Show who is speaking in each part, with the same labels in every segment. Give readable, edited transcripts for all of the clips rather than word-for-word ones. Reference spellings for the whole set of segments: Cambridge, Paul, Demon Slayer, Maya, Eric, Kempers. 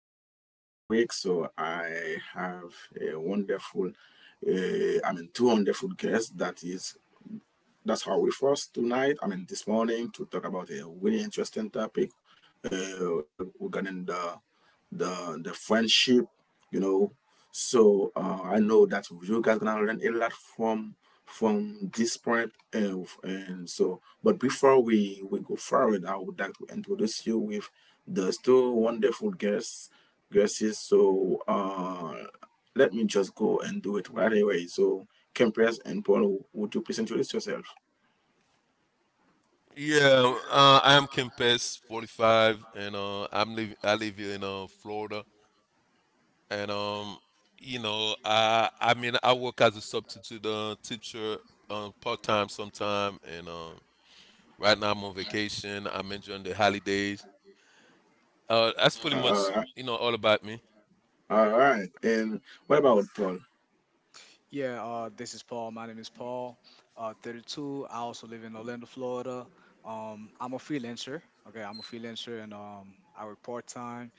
Speaker 1: name is Eric. So, I have a wonderful, two wonderful guests. That's how we first tonight. I mean, this morning to talk about a really interesting topic regarding the friendship, you know. So, I know that you guys gonna learn a lot from this point, and so. But before we go forward, I would like to introduce you with the two wonderful guests. So, let me just go and do it right away. So Kempers and Paul, would you please introduce yourself?
Speaker 2: Yeah, I'm Kim Pes, 45, and I live here in Florida, and I mean, I work as a substitute teacher part time sometime, and right now I'm on vacation. I'm enjoying the holidays. That's pretty
Speaker 1: Uh, all
Speaker 2: much
Speaker 1: right,
Speaker 2: all about me.
Speaker 1: all right. And what about Paul?
Speaker 3: Yeah, this is Paul. My name is Paul, 32. I also live in Orlando, Florida. I'm a freelancer. Okay, I'm a freelancer and I work part time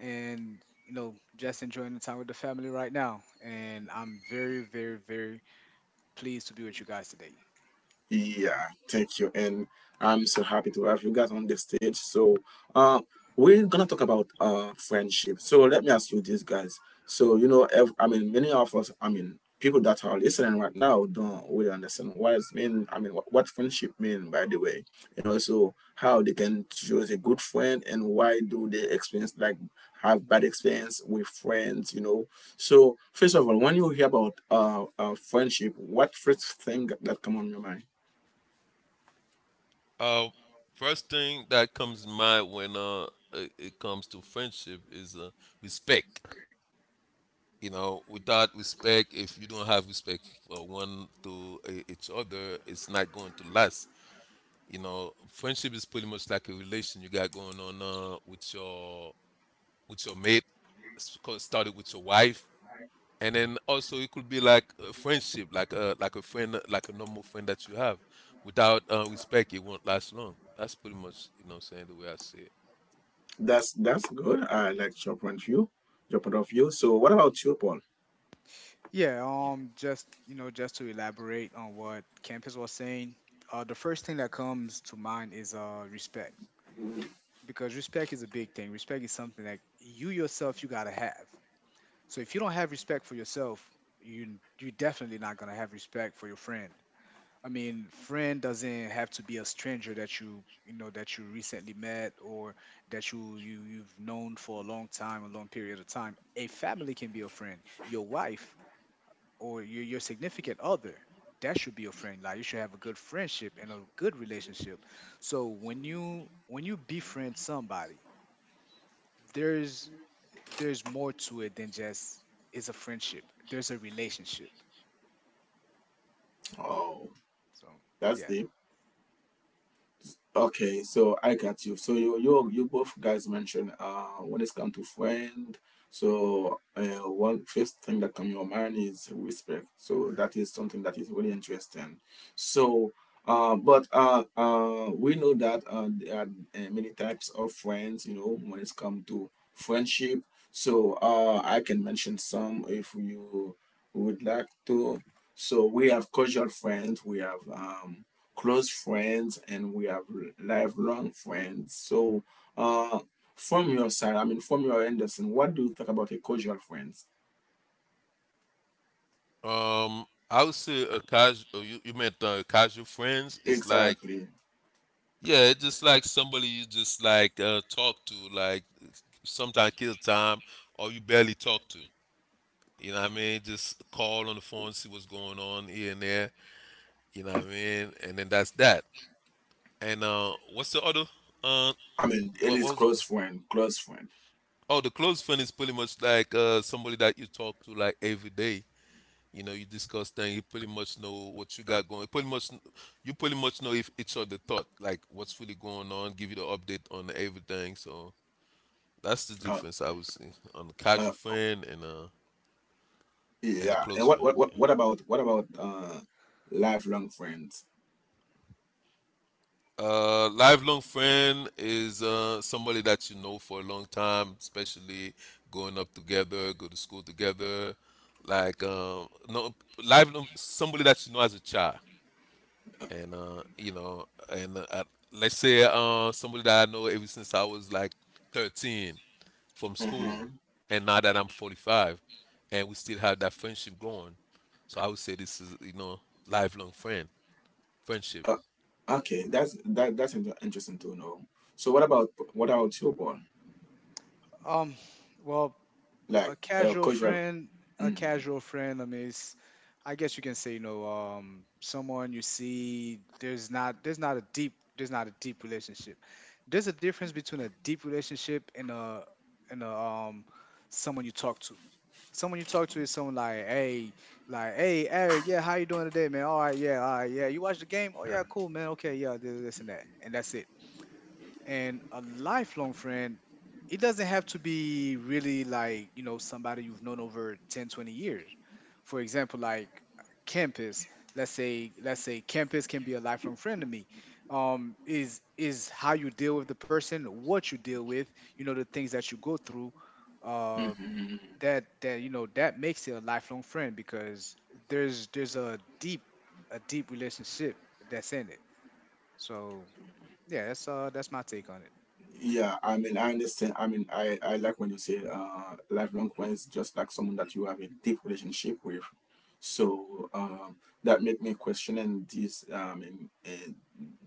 Speaker 3: and, you know, just enjoying the time with the family right now. And I'm very, very, very pleased to be with you guys today.
Speaker 1: Yeah, thank you. And I'm so happy to have you guys on the stage. So, uh, we're gonna talk about friendship. So let me ask you this, guys. So you know, many of us, I mean, people that are listening right now don't really understand what it's mean. I mean, what friendship mean, by the way, and also how they can choose a good friend and why do they experience like have bad experience with friends, you know. So first of all, when you hear about friendship, what first thing that come on your mind?
Speaker 2: Uh, first thing that comes in mind when it comes to friendship is respect. You know, without respect, if you don't have respect for one to each other, it's not going to last. You know, friendship is pretty much like a relation you got going on with your mate, started with your wife. And then also it could be like a friendship, like a friend, like a normal friend that you have. Without respect, it won't last long. That's pretty much saying, the way I see it.
Speaker 1: That's good. I like your point of view. Your point of view. So, what about you, Paul?
Speaker 3: Yeah, just, you know, just to elaborate on what Campus was saying, the first thing that comes to mind is respect because respect is a big thing. Respect is something that you yourself you gotta have. So if you don't have respect for yourself, you're definitely not gonna have respect for your friend. I mean, friend doesn't have to be a stranger that you know that you recently met or that you've known for a long time, a long period of time. A family can be a friend. Your wife or your significant other, that should be a friend. Like you should have a good friendship and a good relationship. So when you befriend somebody, there's there's more to it than just is a friendship. There's a relationship.
Speaker 1: Oh,
Speaker 3: So
Speaker 1: that's
Speaker 3: yeah.
Speaker 1: deep. Okay, so I got you. So you both guys mentioned when it's come to friend. So, one first thing that come to your mind is respect. So that is something that is really interesting. So but we know that there are many types of friends. You know when it's come to friendship. So I can mention some if you would like to. So we have casual friends. We have close friends and we have lifelong friends. So, uh, from your side, I mean, from your Anderson, what do you think about a casual friends?
Speaker 2: um I would say a casual you meant casual friends, it's like.
Speaker 1: Exactly.
Speaker 2: Yeah, it's just like somebody you just like talk to, like sometimes kill time, or you barely talk to. You know what I mean? Just call on the phone, see what's going on here and there. You know what I mean? And then that's that. And what's the other? Uh,
Speaker 1: I mean,
Speaker 2: what,
Speaker 1: it
Speaker 2: what
Speaker 1: is
Speaker 2: was?
Speaker 1: close friend.
Speaker 2: Oh, the close friend is pretty much like somebody that you talk to like every day. You know, you discuss things. You pretty much know what you got going. You pretty much know if each other thought like what's really going on. Give you the update on everything. So. That's the
Speaker 1: Uh,
Speaker 2: difference I would say, on a
Speaker 1: uh,
Speaker 2: casual friend and a
Speaker 1: yeah. And
Speaker 2: close
Speaker 1: what,
Speaker 2: friend.
Speaker 1: what, what,
Speaker 2: Yeah.
Speaker 1: what about, what about, uh, lifelong friends?
Speaker 2: Lifelong friend is somebody that you know for a long time, especially growing up together, go to school together. Like no, lifelong somebody that you know as a child, and you know, and I- let's say somebody that I know ever since I was like 13 from school,
Speaker 1: Mm-hmm.
Speaker 2: and now that I'm 45, and we still have that friendship going. So I would say this is lifelong friendship.
Speaker 1: Uh, okay. That's interesting to know. So what about you, Paul?
Speaker 3: Um. Well,
Speaker 1: Like,
Speaker 3: a casual
Speaker 1: casual.
Speaker 3: friend, a casual friend. I mean, it's, I guess you can say, you know, someone you see. There's not a deep relationship. There's a difference between a deep relationship and a and a someone you talk to. Someone you talk to is someone like, hey, Eric, yeah, how you doing today, man? All right, yeah, all right, yeah. You watch the game? Oh yeah, cool, man. Okay, yeah, this and that, and that's it. And a lifelong friend, it doesn't have to be really like, you know, somebody you've known over 10, 20 years. For example, like campus. Let's say campus can be a lifelong friend to me. Is how you deal with the person, what you deal with, you know, the things that you go through uh
Speaker 1: Mm-hmm.
Speaker 3: that you know that makes it a lifelong friend because there's a deep relationship that's in it. So yeah, that's my take on it.
Speaker 1: Yeah, I mean, I understand. I like when you say lifelong friends, just like someone that you have a deep relationship with. So, that make me questioning this. In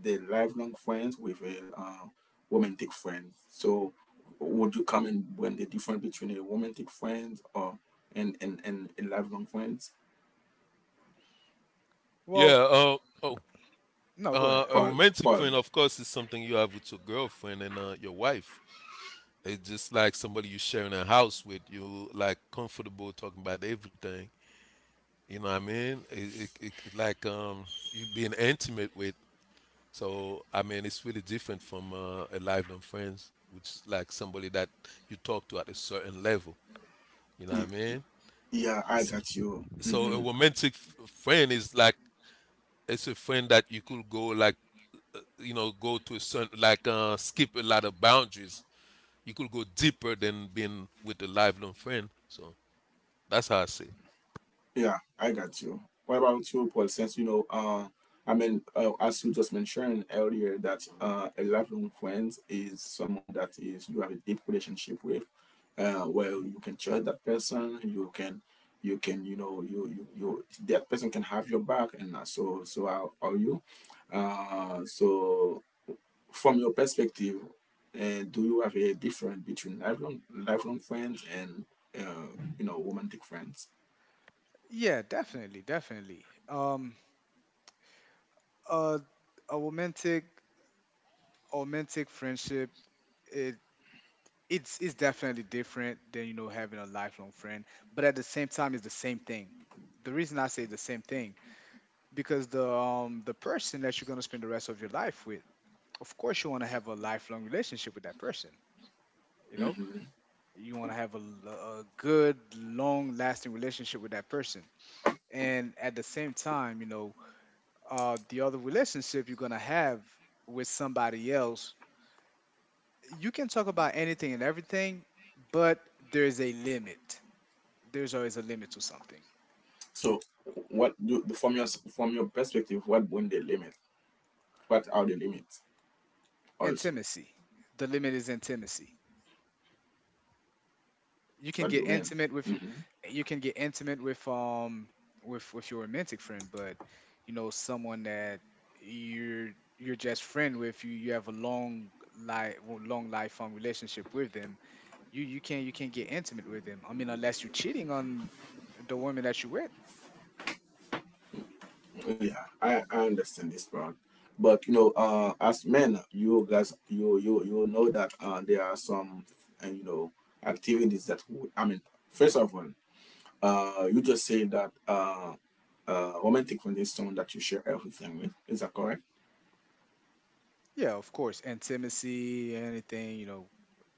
Speaker 1: the lifelong friends with a romantic friend. So would you comment when the difference between a romantic friend or and a lifelong friends?
Speaker 3: Well,
Speaker 2: Yeah. Oh.
Speaker 3: no, go
Speaker 2: Uh,
Speaker 3: ahead.
Speaker 2: a
Speaker 1: Paul,
Speaker 2: romantic
Speaker 1: Paul.
Speaker 2: friend, of course, is something you have with your girlfriend and your wife. It's just like somebody you sharing a house with. You like comfortable talking about everything. You know what I mean? It like you being intimate with. So I mean, it's really different from a lifelong friends, which is like somebody that you talk to at a certain level. You know what
Speaker 1: y-
Speaker 2: I
Speaker 1: y-
Speaker 2: mean?
Speaker 1: Yeah, I
Speaker 2: S-
Speaker 1: got you.
Speaker 2: So a
Speaker 1: Mhm.
Speaker 2: romantic friend is like it's a friend that you could go like go to a certain like skip a lot of boundaries. You could go deeper than being with a lifelong friend. So that's how I see it.
Speaker 1: Yeah, I got you. What about you, Paul? Since you know, as you just mentioned earlier, that a lifelong friend is someone that is you have a deep relationship with, where
Speaker 3: Hmm.
Speaker 1: you can trust that person, you know, you that person can have your back, and so so how are you. So, from your perspective, do you have a difference between lifelong friends and uh, you know romantic friends?
Speaker 3: Yeah, definitely, definitely. Uh, a romantic a romantic friendship, it it's definitely different than, you know, having a lifelong friend, but at the same time, it's the same thing. The reason I say the same thing, because the person that you're gonna spend the rest of your life with, of course you want to have a lifelong relationship with that person. You know,
Speaker 1: Hmm.
Speaker 3: you want to have a good long lasting relationship with that person. And at the same time, you know, the other relationship you're going to have with somebody else, you can talk about anything and everything, but there's a limit. There's always a limit to something.
Speaker 1: So, what do from your perspective, what would they limit? What are the limits? Also,
Speaker 3: Intimacy. The limit is intimacy. You can
Speaker 1: what do
Speaker 3: get
Speaker 1: men?
Speaker 3: intimate with
Speaker 1: Hmm.
Speaker 3: you can get intimate with with your romantic friend. But you know, someone that you're you're just friend with, you have a long life long lifelong relationship with them. You can't get intimate with them, I mean, unless you're cheating on the woman that you're with.
Speaker 1: Yeah, I understand this part, but you know, as men, you guys, you know that there are some, uh, you know, activities that first of all, you just say that romantic condition that you share everything with. Is that correct?
Speaker 3: Yeah, of course, intimacy, anything, you know.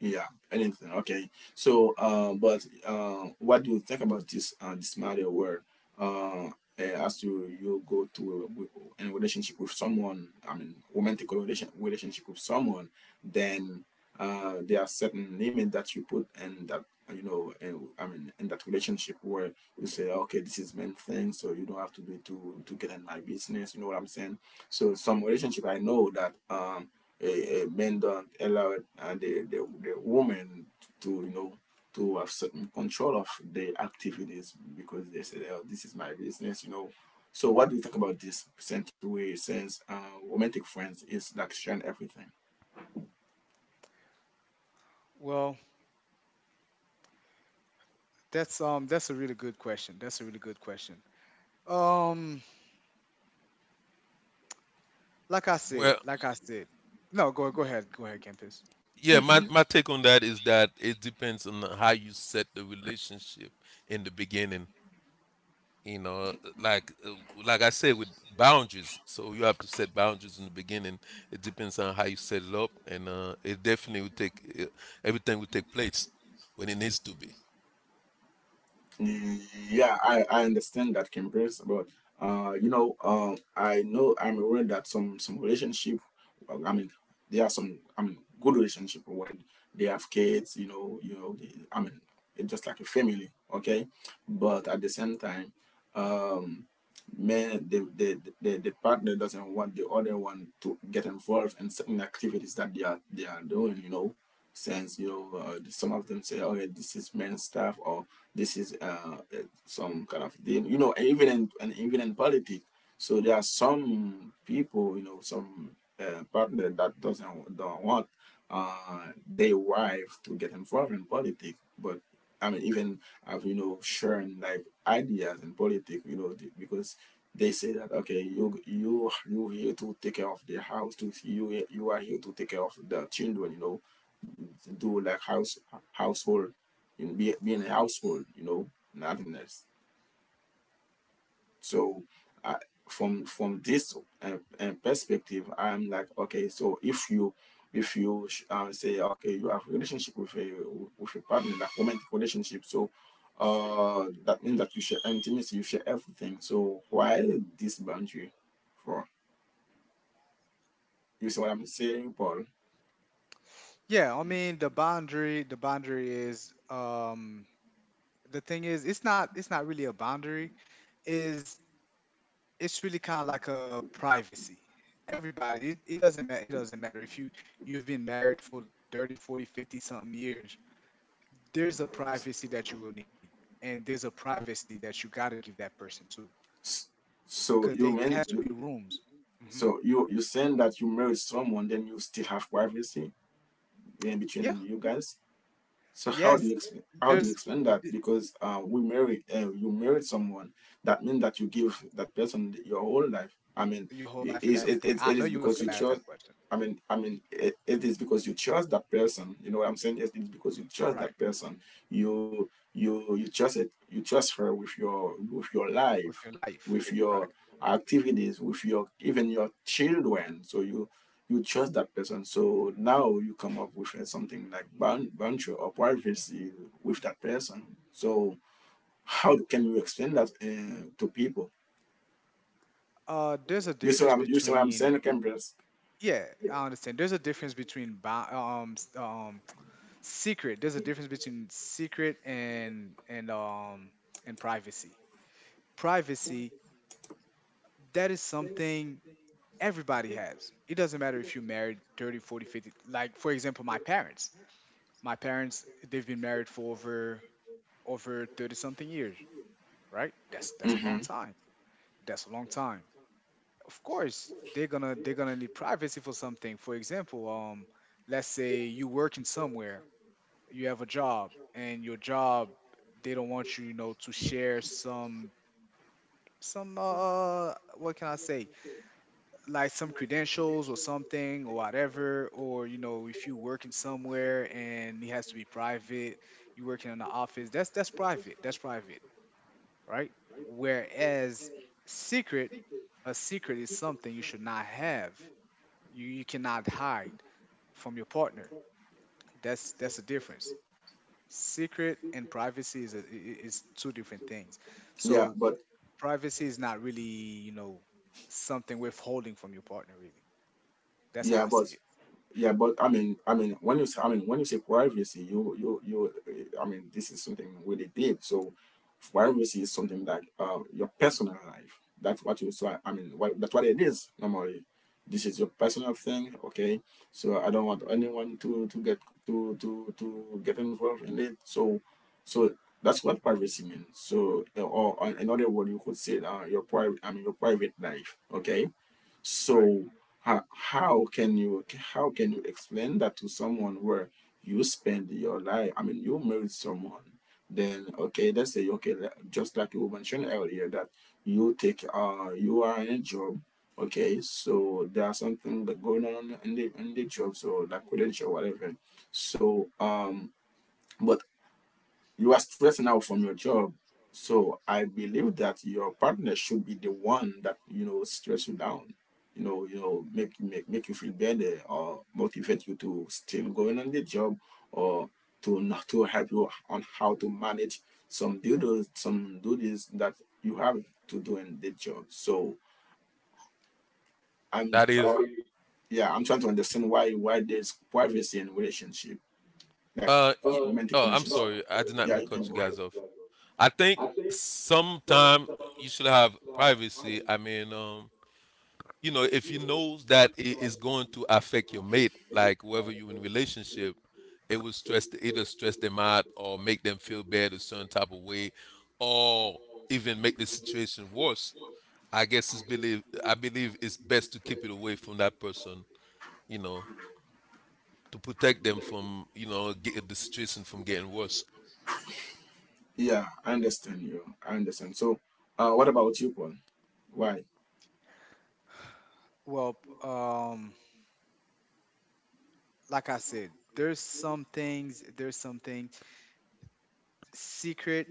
Speaker 1: Yeah, anything. Okay. So, but what do you think about this this matter where uh, as you you go to a, in a relationship with someone, I mean, relationship with someone, then there are certain limits that you put in that you know, in that relationship where you say, okay, this is men thing, so you don't have to do it to get in my business. You know what I'm saying? So some relationship I know that. A men don't allow and the, the women to you know to have certain control of the activities because they said oh, this is my business you know so what do you think about this percent way since romantic friends is like sharing everything.
Speaker 3: Well, that's a really good question. That's a really good question. um like I said, no, go ahead, campus.
Speaker 1: Hmm. Yeah, I understand that, Campers, but I know I'm aware that some relationship, well, I mean, there are some, I mean, good relationship when they have kids, you know, they, I mean, it's just like a family, okay? But at the same time, um, man, the partner doesn't want the other one to get involved in certain activities that they are doing, you know, since you know some of them say, okay, this is men's stuff, or this is uh, some kind of deal, you know, and even in politics. So there are some people, you know, some partner that doesn't don't want their wife to get involved in politics. But I mean, even have you know sharing like ideas in politics, you know, because they say that okay, you here to take care of the house, to you are here to take care of the children, you know do like household, you know, be in a household, you know, nothing else. So I, from this perspective, I'm like, okay, so if you say okay, you have a relationship with a partner, like romantic relationship, so that means that you share intimacy, you share everything. So why this boundary for? You see what I'm saying, Paul?
Speaker 3: Yeah, I mean, the boundary is the thing is it's not, it's not really a boundary, is, it's really kind of like a privacy. Everybody, it doesn't matter, it doesn't matter if you you've been married for 30, 40, 50, something years. There's a privacy that you will need, and there's a privacy that you got to give that person too,
Speaker 1: S-
Speaker 3: cuz
Speaker 1: So
Speaker 3: they,
Speaker 1: you
Speaker 3: there has
Speaker 1: mean
Speaker 3: to be rooms. Hmm.
Speaker 1: So you you're saying that you married someone, then you still have privacy in
Speaker 3: Yeah.
Speaker 1: between you guys? So how do you
Speaker 3: Yes.
Speaker 1: explain how do you
Speaker 3: There's
Speaker 1: explain that?
Speaker 3: b-
Speaker 1: Because we marry you married someone that means that you give that person your whole life. I mean,
Speaker 3: your whole life and everything. I
Speaker 1: it
Speaker 3: know
Speaker 1: is
Speaker 3: you was
Speaker 1: because
Speaker 3: going
Speaker 1: you
Speaker 3: to ask
Speaker 1: chose.
Speaker 3: that question.
Speaker 1: I mean, it is because you chose that person. You know what I'm saying? Yes, it's because you chose
Speaker 3: Right.
Speaker 1: that person. You trust it. You trust her with your life,
Speaker 3: With your life.
Speaker 1: with your
Speaker 3: Right.
Speaker 1: activities, with your even your children. So you trust that person. So now you come up with something like boundary or privacy with that person. So how can you explain that to people?
Speaker 3: There's a difference
Speaker 1: You see what I'm
Speaker 3: between,
Speaker 1: saying, Cambridge?
Speaker 3: yeah, I understand. There's a difference between secret. There's a difference between secret and and privacy. Privacy, that is something everybody has. It doesn't matter if you're married 30, 40, 50. Like for example, my parents. My parents, they've been married for over 30 something years, right? That's a long
Speaker 1: Mm-hmm.
Speaker 3: time. That's a long time. Of course, they're gonna need privacy for something. For example, let's say you working somewhere, you have a job, and your job, they don't want you, you know, to share some what can I say? Like some credentials or something or whatever, or you know, if you working somewhere and it has to be private, you working in the office, that's private. That's private, right? Whereas secret, a secret is something you should not have. You cannot hide from your partner. That's the difference. Secret and privacy is is two different things.
Speaker 1: Yeah,
Speaker 3: So
Speaker 1: but
Speaker 3: privacy is not really, you know, something withholding from your partner really. That's how
Speaker 1: yeah,
Speaker 3: I
Speaker 1: but
Speaker 3: see it.
Speaker 1: Yeah, but I mean, when you say, when you say privacy, I mean, this is something really deep. So, privacy is something like your personal life. That's what you. So, I mean, that's what it is normally. This is your personal thing, okay? So, I don't want anyone to get to get involved in it. So that's what privacy means. So, or another word you could say, your private life, okay?
Speaker 3: Right.
Speaker 1: So how, how can you how can you explain that to someone where you spend your life? I mean, you married someone, then okay, let's say okay, just like you mentioned earlier that you take you are in a job, okay, so there's something that going on in the job, so like credential whatever. So um, but you are stressing out from your job. So I believe that your partner should be the one that, you know, stress you down. You know, make you feel better or motivate you to still going on the job or to not to help you on how to manage some duties that you have to do in the job. So I'm
Speaker 2: That is,
Speaker 1: trying yeah, I'm trying to understand why there's privacy in relationship, like
Speaker 2: uh, y-
Speaker 1: romantic
Speaker 2: oh, I'm
Speaker 1: relationship.
Speaker 2: sorry, I did not
Speaker 1: Yeah,
Speaker 2: mean to
Speaker 1: you
Speaker 2: cut
Speaker 1: can
Speaker 2: you
Speaker 1: go ahead.
Speaker 2: guys off. I think sometime you should have privacy. I mean, if you knows that it is going to affect your mate, like whoever you in relationship, it will stress either stress them out, or make them feel bad a certain type of way, or even make the situation worse. I believe it's best to keep it away from that person. You know, to protect them from get the situation from getting worse.
Speaker 1: Yeah, I understand you. I understand. So, what about you, Paul? Why?
Speaker 3: Well, like I said, there's some things, there's some things, secret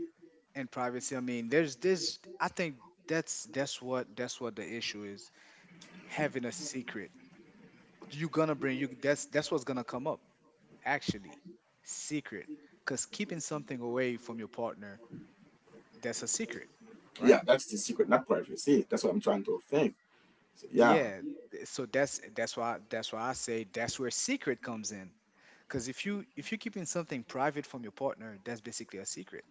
Speaker 3: and privacy. I mean, there's this. I think that's what that's what the issue is. Having a secret, you're gonna bring you. That's what's gonna come up. Actually, secret, because keeping something away from your partner, that's a secret,
Speaker 1: Yeah,
Speaker 3: right.
Speaker 1: that's the secret, not privacy. That's what I'm trying to think. So, yeah,
Speaker 3: Yeah, so that's why that's why I say that's where secret comes in, because if you're keeping something private from your partner, that's basically a secret.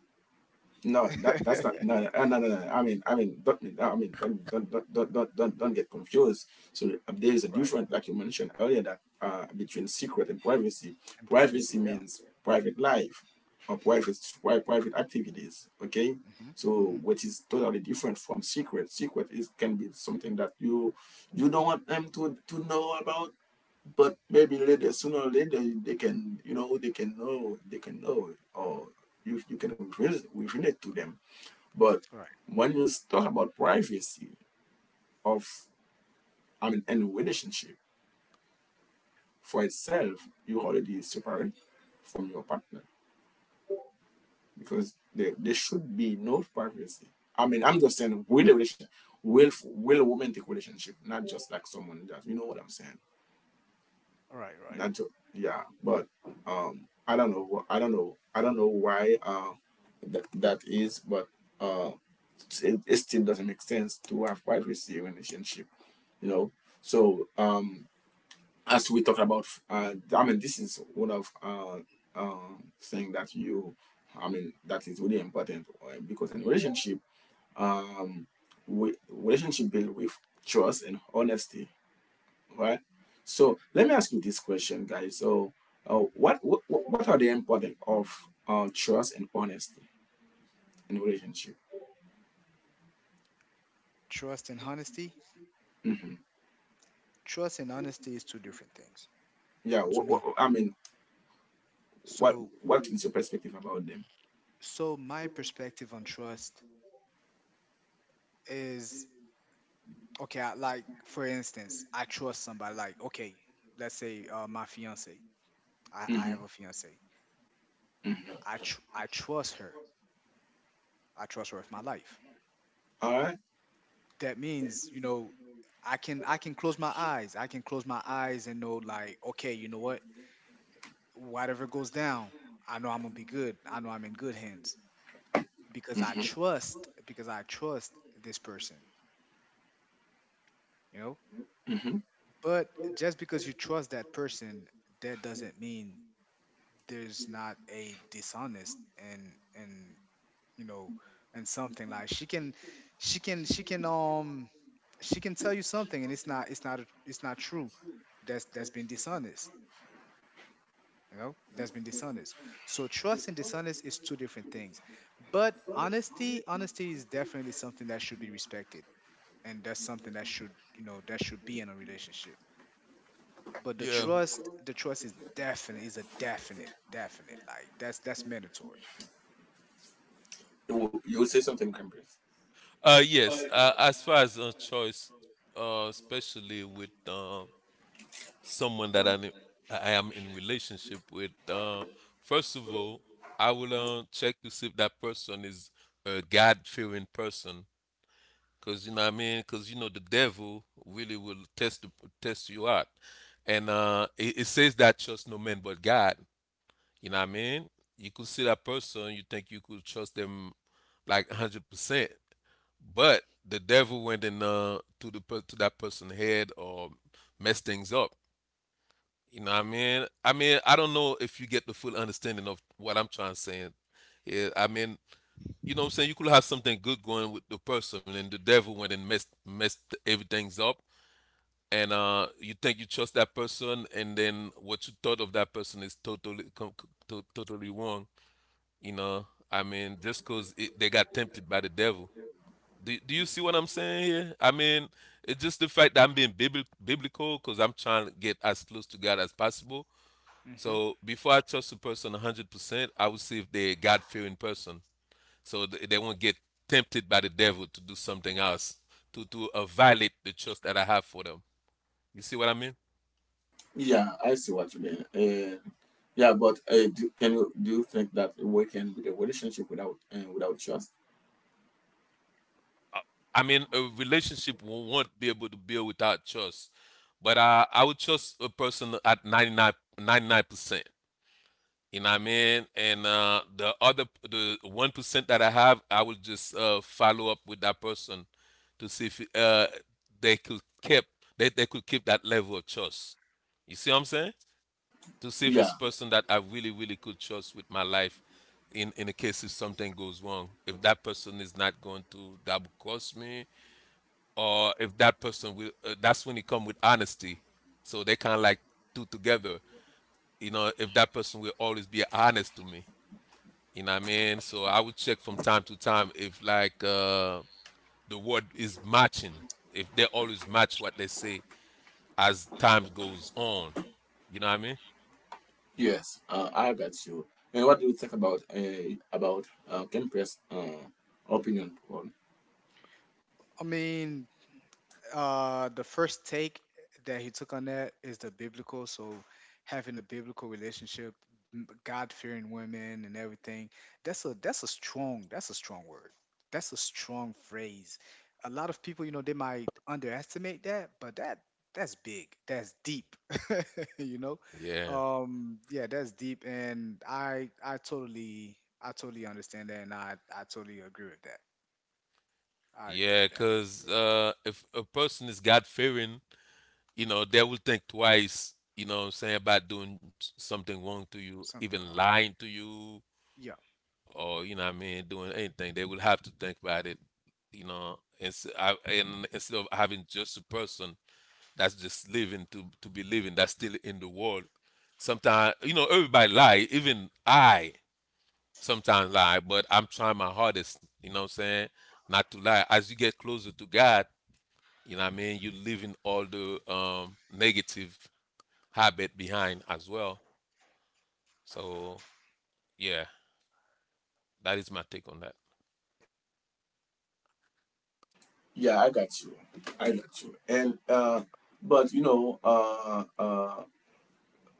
Speaker 1: no, that that's not no. I mean don't get confused. So there is a
Speaker 3: Right.
Speaker 1: difference, like you mentioned earlier, that between secret and privacy.
Speaker 3: And privacy,
Speaker 1: Privacy
Speaker 3: yeah.
Speaker 1: means private life or private activities. Okay,
Speaker 3: Hmm.
Speaker 1: so
Speaker 3: Hmm.
Speaker 1: which is totally different from secret. Secret is can be something that you don't want them to know about but maybe later, sooner or later, they can, they can know, or you can relate to them. But
Speaker 3: Right.
Speaker 1: when you talk about privacy of, I mean, any relationship for itself, you already separate from your partner because there should be no privacy. I mean, I'm just saying, will romantic relationship, not just like someone just, you know what I'm saying?
Speaker 3: Right. Right.
Speaker 1: Not to, yeah, but I don't know wh- I don't know I don't know why that is, but uh it, it still doesn't make sense to have privacy in a relationship, you know. So as we talked about, I mean, this is one of thing that you, I mean, that is really important, because in relationship, um we relationship built with trust and honesty, right? So let me ask you this question, guys. So, what are the importance of trust and honesty in a relationship?
Speaker 3: Trust and honesty,
Speaker 1: Hmm.
Speaker 3: trust and honesty is two different things
Speaker 1: Yeah,
Speaker 3: to me.
Speaker 1: I mean, what
Speaker 3: So,
Speaker 1: what is your perspective about them?
Speaker 3: so my perspective on trust is, okay, I, like for instance, I trust somebody. Like, okay, let's say my fiance. I
Speaker 1: Mm-hmm.
Speaker 3: have a fiance.
Speaker 1: Mm-hmm.
Speaker 3: I trust her. I trust her with my life.
Speaker 1: All right.
Speaker 3: That means, you know, I can close my eyes. I can close my eyes and know like, okay, you know what? Whatever goes down, I know I'm gonna be good. I know I'm in good hands because I
Speaker 1: Mm-hmm.
Speaker 3: trust, because I trust this person. You know.
Speaker 1: Mm-hmm.
Speaker 3: But just because you trust that person, that doesn't mean there's not a dishonest, and and you know something like, she can she can um she can tell you something and it's not, it's not true. That's been dishonest. You know, that's been dishonest. So trust and dishonest is two different things. But honesty, honesty is definitely something that should be respected, and that's something that should, you know, that should be in a relationship. But
Speaker 2: Yeah.
Speaker 3: the trust is definite is a definite, like, that's mandatory.
Speaker 1: You would say something, Cambridge.
Speaker 2: Yes. As far as a choice, especially with someone that I am in relationship with, first of all, I will check to see if that person is a God-fearing person, cause you know what I mean, cause you know the devil really will test test you out, and it says that trust no man but God. You know what I mean? You could see that person, you think you could trust them like 100%, but the devil went in to that person's head, or messed things up. You know what I mean? I mean, I don't know if you get the full understanding of what I'm trying to say. Yeah, I mean, you know what I'm saying? You could have something good going with the person, and the devil went and messed everything's up. And you think you trust that person, and then what you thought of that person is totally wrong. You know, I mean, just because they got tempted by the devil. Do you see what I'm saying here? I mean, it's just the fact that I'm being biblical, because I'm trying to get as close to God as possible.
Speaker 3: Hmm.
Speaker 2: So before I trust a person 100%, I would see if they're a God-fearing person. So they won't get tempted by the devil to do something else, to violate the trust that I have for them. You see what I mean?
Speaker 1: Yeah, I see what you mean. Yeah, but can you, do you think that we can be a relationship without without trust?
Speaker 2: Uh, I mean, a relationship won't be able to build without trust. But I would trust a person at 99 percent. You know what I mean? And the other, the 1% that I have, I will just follow up with that person to see if they could keep, they could keep that level of trust. You see what I'm saying? To see if
Speaker 1: Yeah.
Speaker 2: it's person that I really, really could trust with my life in the case if something goes wrong. If that person is not going to double cross me, or if that person will that's when it come with honesty, so they kind of like two together. You know, if that person will always be honest to me, you know what I mean? So I would check from time to time, if like the word is matching, if they always match what they say as time goes on. You know what I mean?
Speaker 1: Yes, I got you. And what do you think about campus, Press, opinion poll?
Speaker 3: I mean, the first take that he took on that is the biblical. So having a biblical relationship, God fearing women and everything. That's a, that's a strong word. That's a strong phrase. A lot of people, you know, they might underestimate that, but that's big. That's deep. You know,
Speaker 2: Yeah,
Speaker 3: yeah, that's deep, and I totally understand that, and I totally agree with that. I agree
Speaker 2: yeah,
Speaker 3: with that.
Speaker 2: because if a person is god fearing you know they will think twice, you know what I'm saying, about doing something wrong to you,
Speaker 3: Something
Speaker 2: even
Speaker 3: wrong.
Speaker 2: lying to you,
Speaker 3: Yeah.
Speaker 2: or you know what I mean, doing anything. They will have to think about it, you know. And and instead of having just a person that's just living to be living, that's still in the world. Sometimes, you know, everybody lie. Even I sometimes lie, but I'm trying my hardest, you know what I'm saying, not to lie. As you get closer to God, you know what I mean, you're leaving all the negative habit behind as well. So yeah, that is my take on that.
Speaker 1: Yeah, I got you. I got you. And but you know, uh, uh,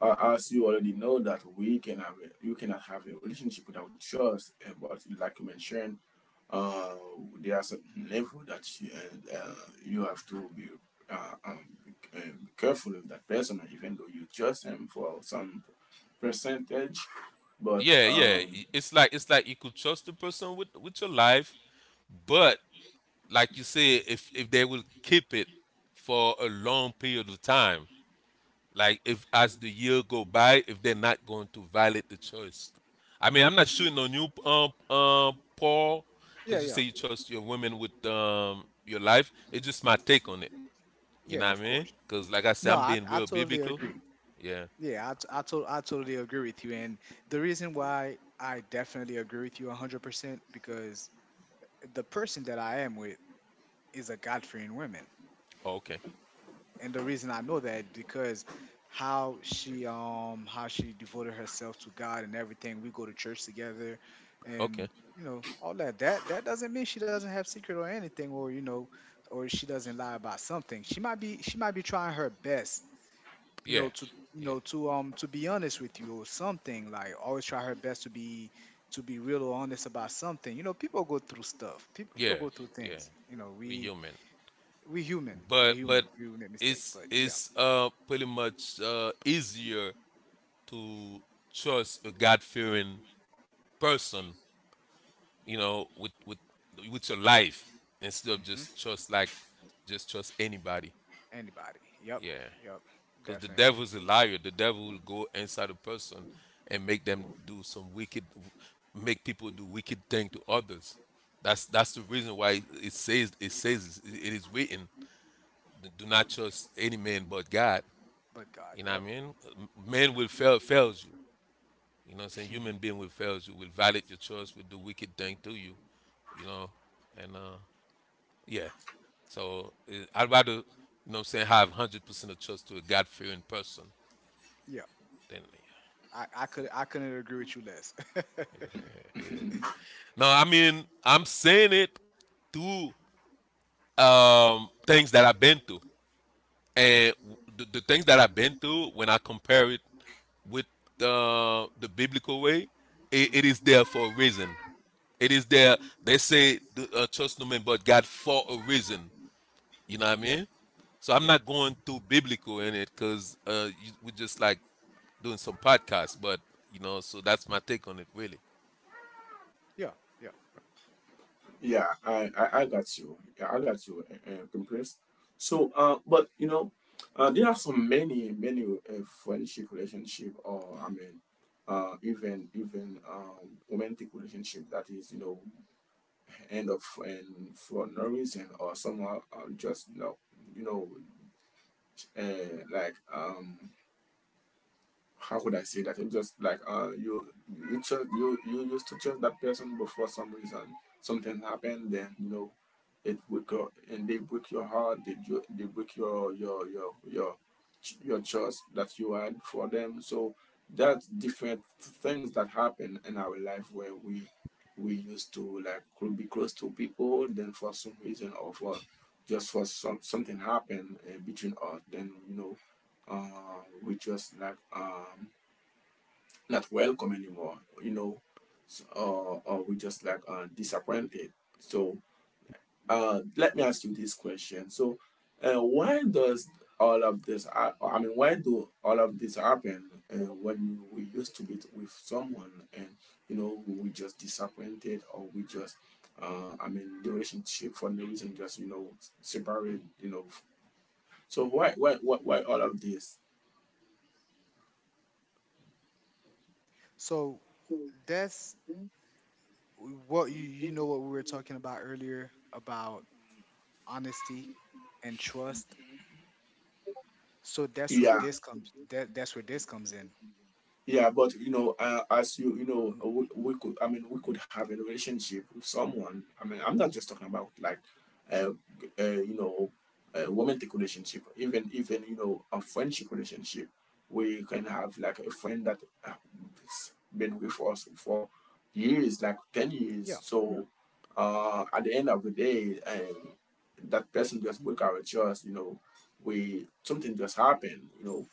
Speaker 1: as you already know that we can have a, you cannot have a relationship without trust. And but like you mentioned, uh, there are certain level that you have to be uh, um, be careful with that person, even though you trust him for some percentage. But,
Speaker 2: Yeah, yeah. It's like you could trust the person with your life, but like you said, if they will keep it for a long period of time, like if as the year go by, if they're not going to violate the choice. I mean, I'm not shooting on you, Paul,
Speaker 3: Yeah,
Speaker 2: because you say
Speaker 3: yeah.
Speaker 2: you trust your women with your life. It's just my take on it. You know
Speaker 3: Yeah,
Speaker 2: what I
Speaker 3: of
Speaker 2: mean?
Speaker 3: course.
Speaker 2: Because like I said,
Speaker 3: No,
Speaker 2: I'm being
Speaker 3: I
Speaker 2: real
Speaker 3: totally
Speaker 2: biblical.
Speaker 3: agree.
Speaker 2: Yeah.
Speaker 3: Yeah, I, t- I, to- I totally agree with you. And the reason why I definitely agree with you 100% because the person that I am with is a God fearing woman.
Speaker 2: Oh, okay.
Speaker 3: And the reason I know that is because how she devoted herself to God and everything. We go to church together and,
Speaker 2: Okay.
Speaker 3: you know, all that, that that doesn't mean she doesn't have secret or anything, or, you know, or she doesn't lie about something. She might be, trying her best, you
Speaker 2: Yeah.
Speaker 3: know, to, you know,
Speaker 2: Yeah.
Speaker 3: to be honest with you or something, like always try her best to be, to be real or honest about something. You know, people go through stuff. People
Speaker 2: Yeah,
Speaker 3: go through
Speaker 2: yeah,
Speaker 3: things. You know,
Speaker 2: we human.
Speaker 3: we human.
Speaker 2: But
Speaker 3: We make mistake. But yeah.
Speaker 2: it's pretty much easier to trust a God-fearing person, you know, with your life, instead of
Speaker 3: Hmm.
Speaker 2: just trust anybody.
Speaker 3: Anybody, yep.
Speaker 2: Yeah,
Speaker 3: Yep.
Speaker 2: because the
Speaker 3: Definitely.
Speaker 2: devil's a liar. The devil will go inside a person and make people do wicked thing to others. That's the reason why it says it is written, "Do- not trust any man but God.
Speaker 3: But God,
Speaker 2: You know what I
Speaker 3: yep.
Speaker 2: mean? Man will fails you. You know what I'm saying? Human being will fails you, will violate your trust, will do wicked thing to you. You know, and yeah. So I'd rather, you know, what I'm saying, have 100% of trust to a God fearing person
Speaker 3: Yeah,
Speaker 2: than
Speaker 3: I couldn't agree with you less.
Speaker 2: yeah. Yeah. No, I mean I'm saying it through things that I've been through, and the things that I've been through, when I compare it with the biblical way, it
Speaker 3: Hmm.
Speaker 2: is there for a reason. It is there. They say, trust no man but God, for a reason. You know what I
Speaker 3: Yeah,
Speaker 2: mean? So I'm
Speaker 3: yeah.
Speaker 2: not going too biblical in it, because we're just like doing some podcasts. But, you know, so that's my take on it, really.
Speaker 3: Yeah, yeah.
Speaker 1: yeah, I got you. Yeah, I got you. So, but you know, there are so many, many friendship relationship, or I mean, even romantic relationship that is, you know, end of and for no reason or somehow, just you know, you know, uh, like um, how would I say that? It's just like, you, you just you you used to trust that person, but for some reason something happened, then you know it would go and they break your heart. They break your trust that you had for them. So that's different things that happen in our life where we used to like be close to people, then for some reason or for just for some something happened between us, then you know we just like not welcome anymore, you know. So, or we just like disappointed. So let me ask you this question. So why does all of this ha- I mean, why do all of this happen when we used to be with someone, and you know we just disappointed or we just I mean, the relationship for no reason just you know separated, you know. So why all of this?
Speaker 3: So that's what, you know what we were talking about earlier about honesty and trust. So that's where
Speaker 1: Yeah.
Speaker 3: this comes. That, that's where this comes in.
Speaker 1: Yeah, but you know, as you you know
Speaker 3: Mm.
Speaker 1: we could, I mean we could have a relationship with someone, I mean I'm not just talking about like uh, you know a romantic relationship, even you know a friendship relationship. We can have like a friend that has been with us for years, like 10 years.
Speaker 3: Yeah,
Speaker 1: So at the end of the day, that person just broke our trust, you know. We something just happened, you know.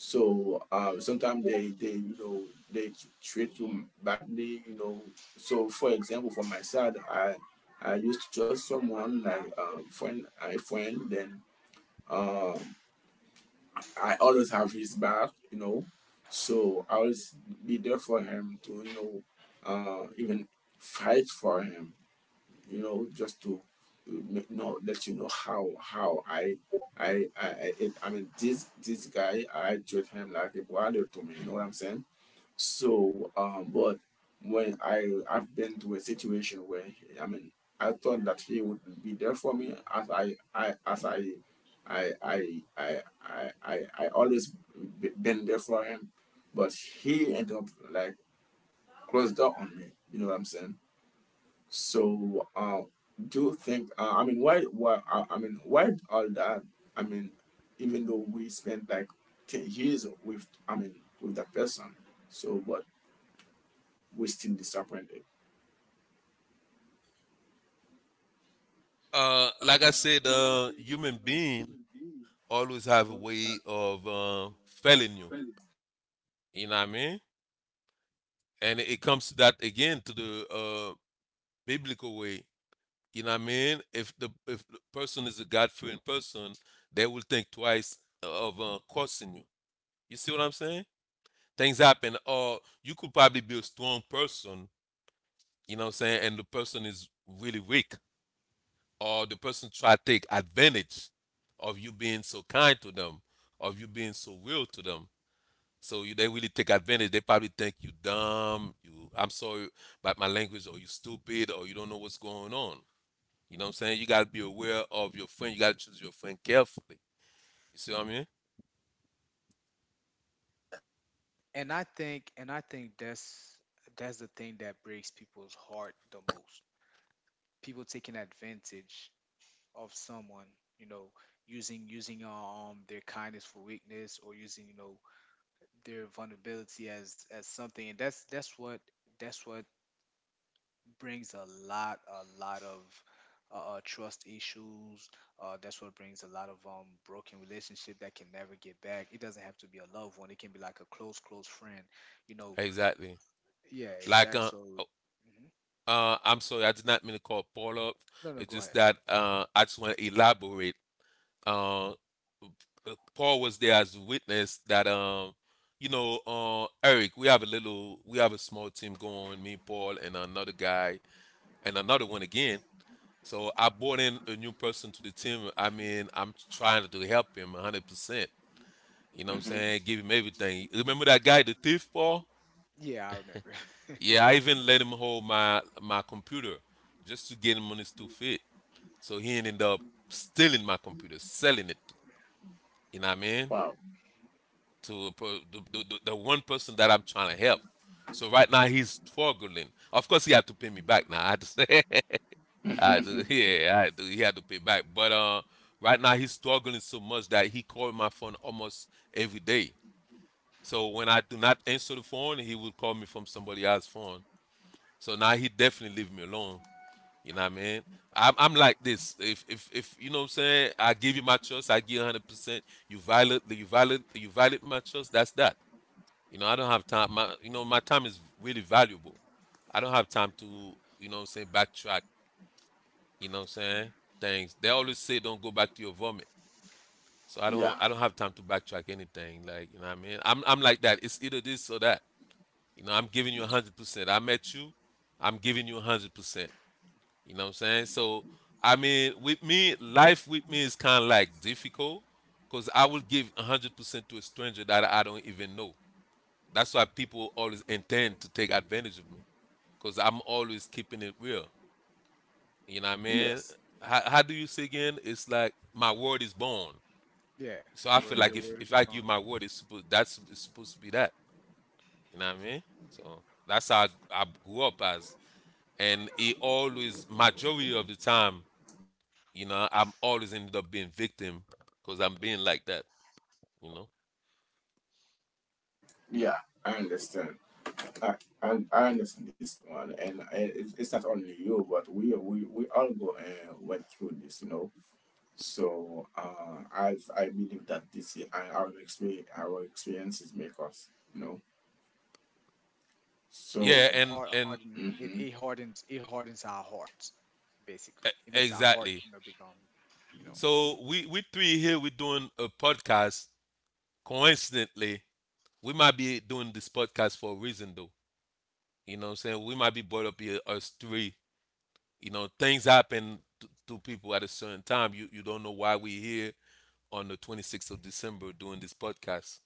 Speaker 1: So sometimes they you know treat you badly, you know. So for example, for my side, I used to trust someone like a friend. Then um, I always have his back, you know. So I always be there for him to you know, even fight for him, you know, just to you know let you know how I I I, I mean, this guy I treat him like a brother to me. You know what I'm saying? So but when I've been to a situation where I mean I thought that he would be there for me as I always been there for him, but he ended up like closed door on me. You know what I'm saying? So, do you think? I mean, why? Why? I mean, why all that? I mean, even though we spent like 10 years with, I mean, with that person, so but we still disappointed.
Speaker 2: Like I said, human being always have a way of failing you. You know what I mean? And it comes to that again to the biblical way. You know what I mean? If the person is a God fearing person, they will think twice of cursing you. You see what I'm saying? Things happen, or you could probably be a strong person. You know what I'm saying? And the person is really weak, or the person try to take advantage of you being so kind to them, of you being so real to them. So you, they really take advantage. They probably think you dumb, you I'm sorry about my language, or you stupid, or you don't know what's going on. You know what I'm saying? You gotta be aware of your friend. You gotta choose your friend carefully. You see what I mean?
Speaker 3: and I think that's the thing that breaks people's heart the most. People taking advantage of someone, you know, using their kindness for weakness, or using their vulnerability as something. And that's what brings a lot of trust issues. That's what brings a lot of broken relationship that can never get back. It doesn't have to be a loved one. It can be like a close, close friend. You know.
Speaker 2: Exactly.
Speaker 3: Yeah.
Speaker 2: Like
Speaker 3: Exactly. So.
Speaker 2: oh,
Speaker 3: Mhm.
Speaker 2: I'm sorry, I did not mean to call Paul up.
Speaker 3: No, no.
Speaker 2: It's
Speaker 3: Go ahead.
Speaker 2: just that I just want to elaborate. Uh, Paul was there as a witness that you know Eric, we have a little we have a small team going, me, Paul, and another guy and another one again. So I brought in a new person to the team. I mean, I'm trying to help him 100%. You know what I'm saying? Give him everything. Remember that guy, the thief, Paul?
Speaker 3: Yeah, I remember.
Speaker 2: Yeah, I even let him hold my computer just to get him on his two feet. So he ended up stealing my computer, selling it. You know what I mean?
Speaker 1: Wow.
Speaker 2: To a per- the one person that I'm trying to help. So right now he's struggling. Of course, he had to pay me back now. I had to say. I do, yeah, I do. He had to pay back. But right now he's struggling so much that he called my phone almost every day. So when I do not answer the phone, he will call me from somebody else's phone. So now he definitely leave me alone. You know what I mean? I'm like this. If you know what I'm saying, I give you my trust, I give you 100%. You violate my trust, that's that. You know, I don't have time. My you know, my time is really valuable. I don't have time to, you know what I'm saying, backtrack you know what I'm saying? Things they always say don't go back to your vomit. So
Speaker 1: Yeah.
Speaker 2: I don't have time to backtrack anything. Like, you know what I mean? I'm like that. It's either this or that. You know, I'm giving you 100%. I met you, I'm giving you 100%. You know what I'm saying? So I mean with me, life with me is kinda like difficult because I will give 100% to a stranger that I don't even know. That's why people always intend to take advantage of me because I'm always keeping it real. You know what I mean?
Speaker 1: Yes.
Speaker 2: How do you say again? It's like my word is born.
Speaker 3: Yeah.
Speaker 2: So I feel
Speaker 3: Where
Speaker 2: like
Speaker 3: your
Speaker 2: if,
Speaker 3: word
Speaker 2: if
Speaker 3: is your
Speaker 2: I give
Speaker 3: bond.
Speaker 2: my word, it's supposed to be that. You know what I mean? So that's how I grew up as, and it always majority of the time, you know, I'm always ended up being victim because I'm being like that. You know?
Speaker 1: Yeah. I understand. I, I understand this one, and it's not only you, but we all go and went through this, you know. So I believe that our experience our experiences make us, you know.
Speaker 2: Yeah,
Speaker 1: So
Speaker 3: Hard,
Speaker 2: and
Speaker 3: harden. It
Speaker 1: Mm-hmm.
Speaker 3: hardens. It hardens our hearts. Basically,
Speaker 2: E-
Speaker 3: it makes our heart
Speaker 2: Exactly.
Speaker 3: become you know
Speaker 2: So we three here we doing a podcast. Coincidentally, we might be doing this podcast for a reason though. You know what I'm saying? We might be brought up here us three. You know, things happen to people at a certain time. You don't know why we here on the 26th of December doing this podcast.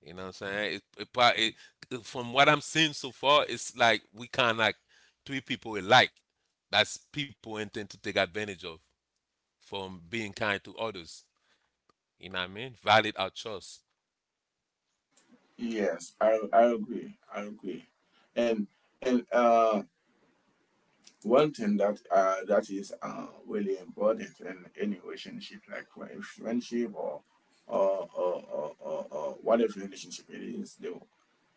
Speaker 2: You know what I'm saying? It, prob- it- from what I'm seeing so far, it's like we kind of like three people alike. That's people intend to take advantage of from being kind to others. You know what I mean? Valid our choice.
Speaker 1: Yes, I agree. I agree. And and uh one thing that that is really important in any relationship, like for a friendship or whatever relationship it is, the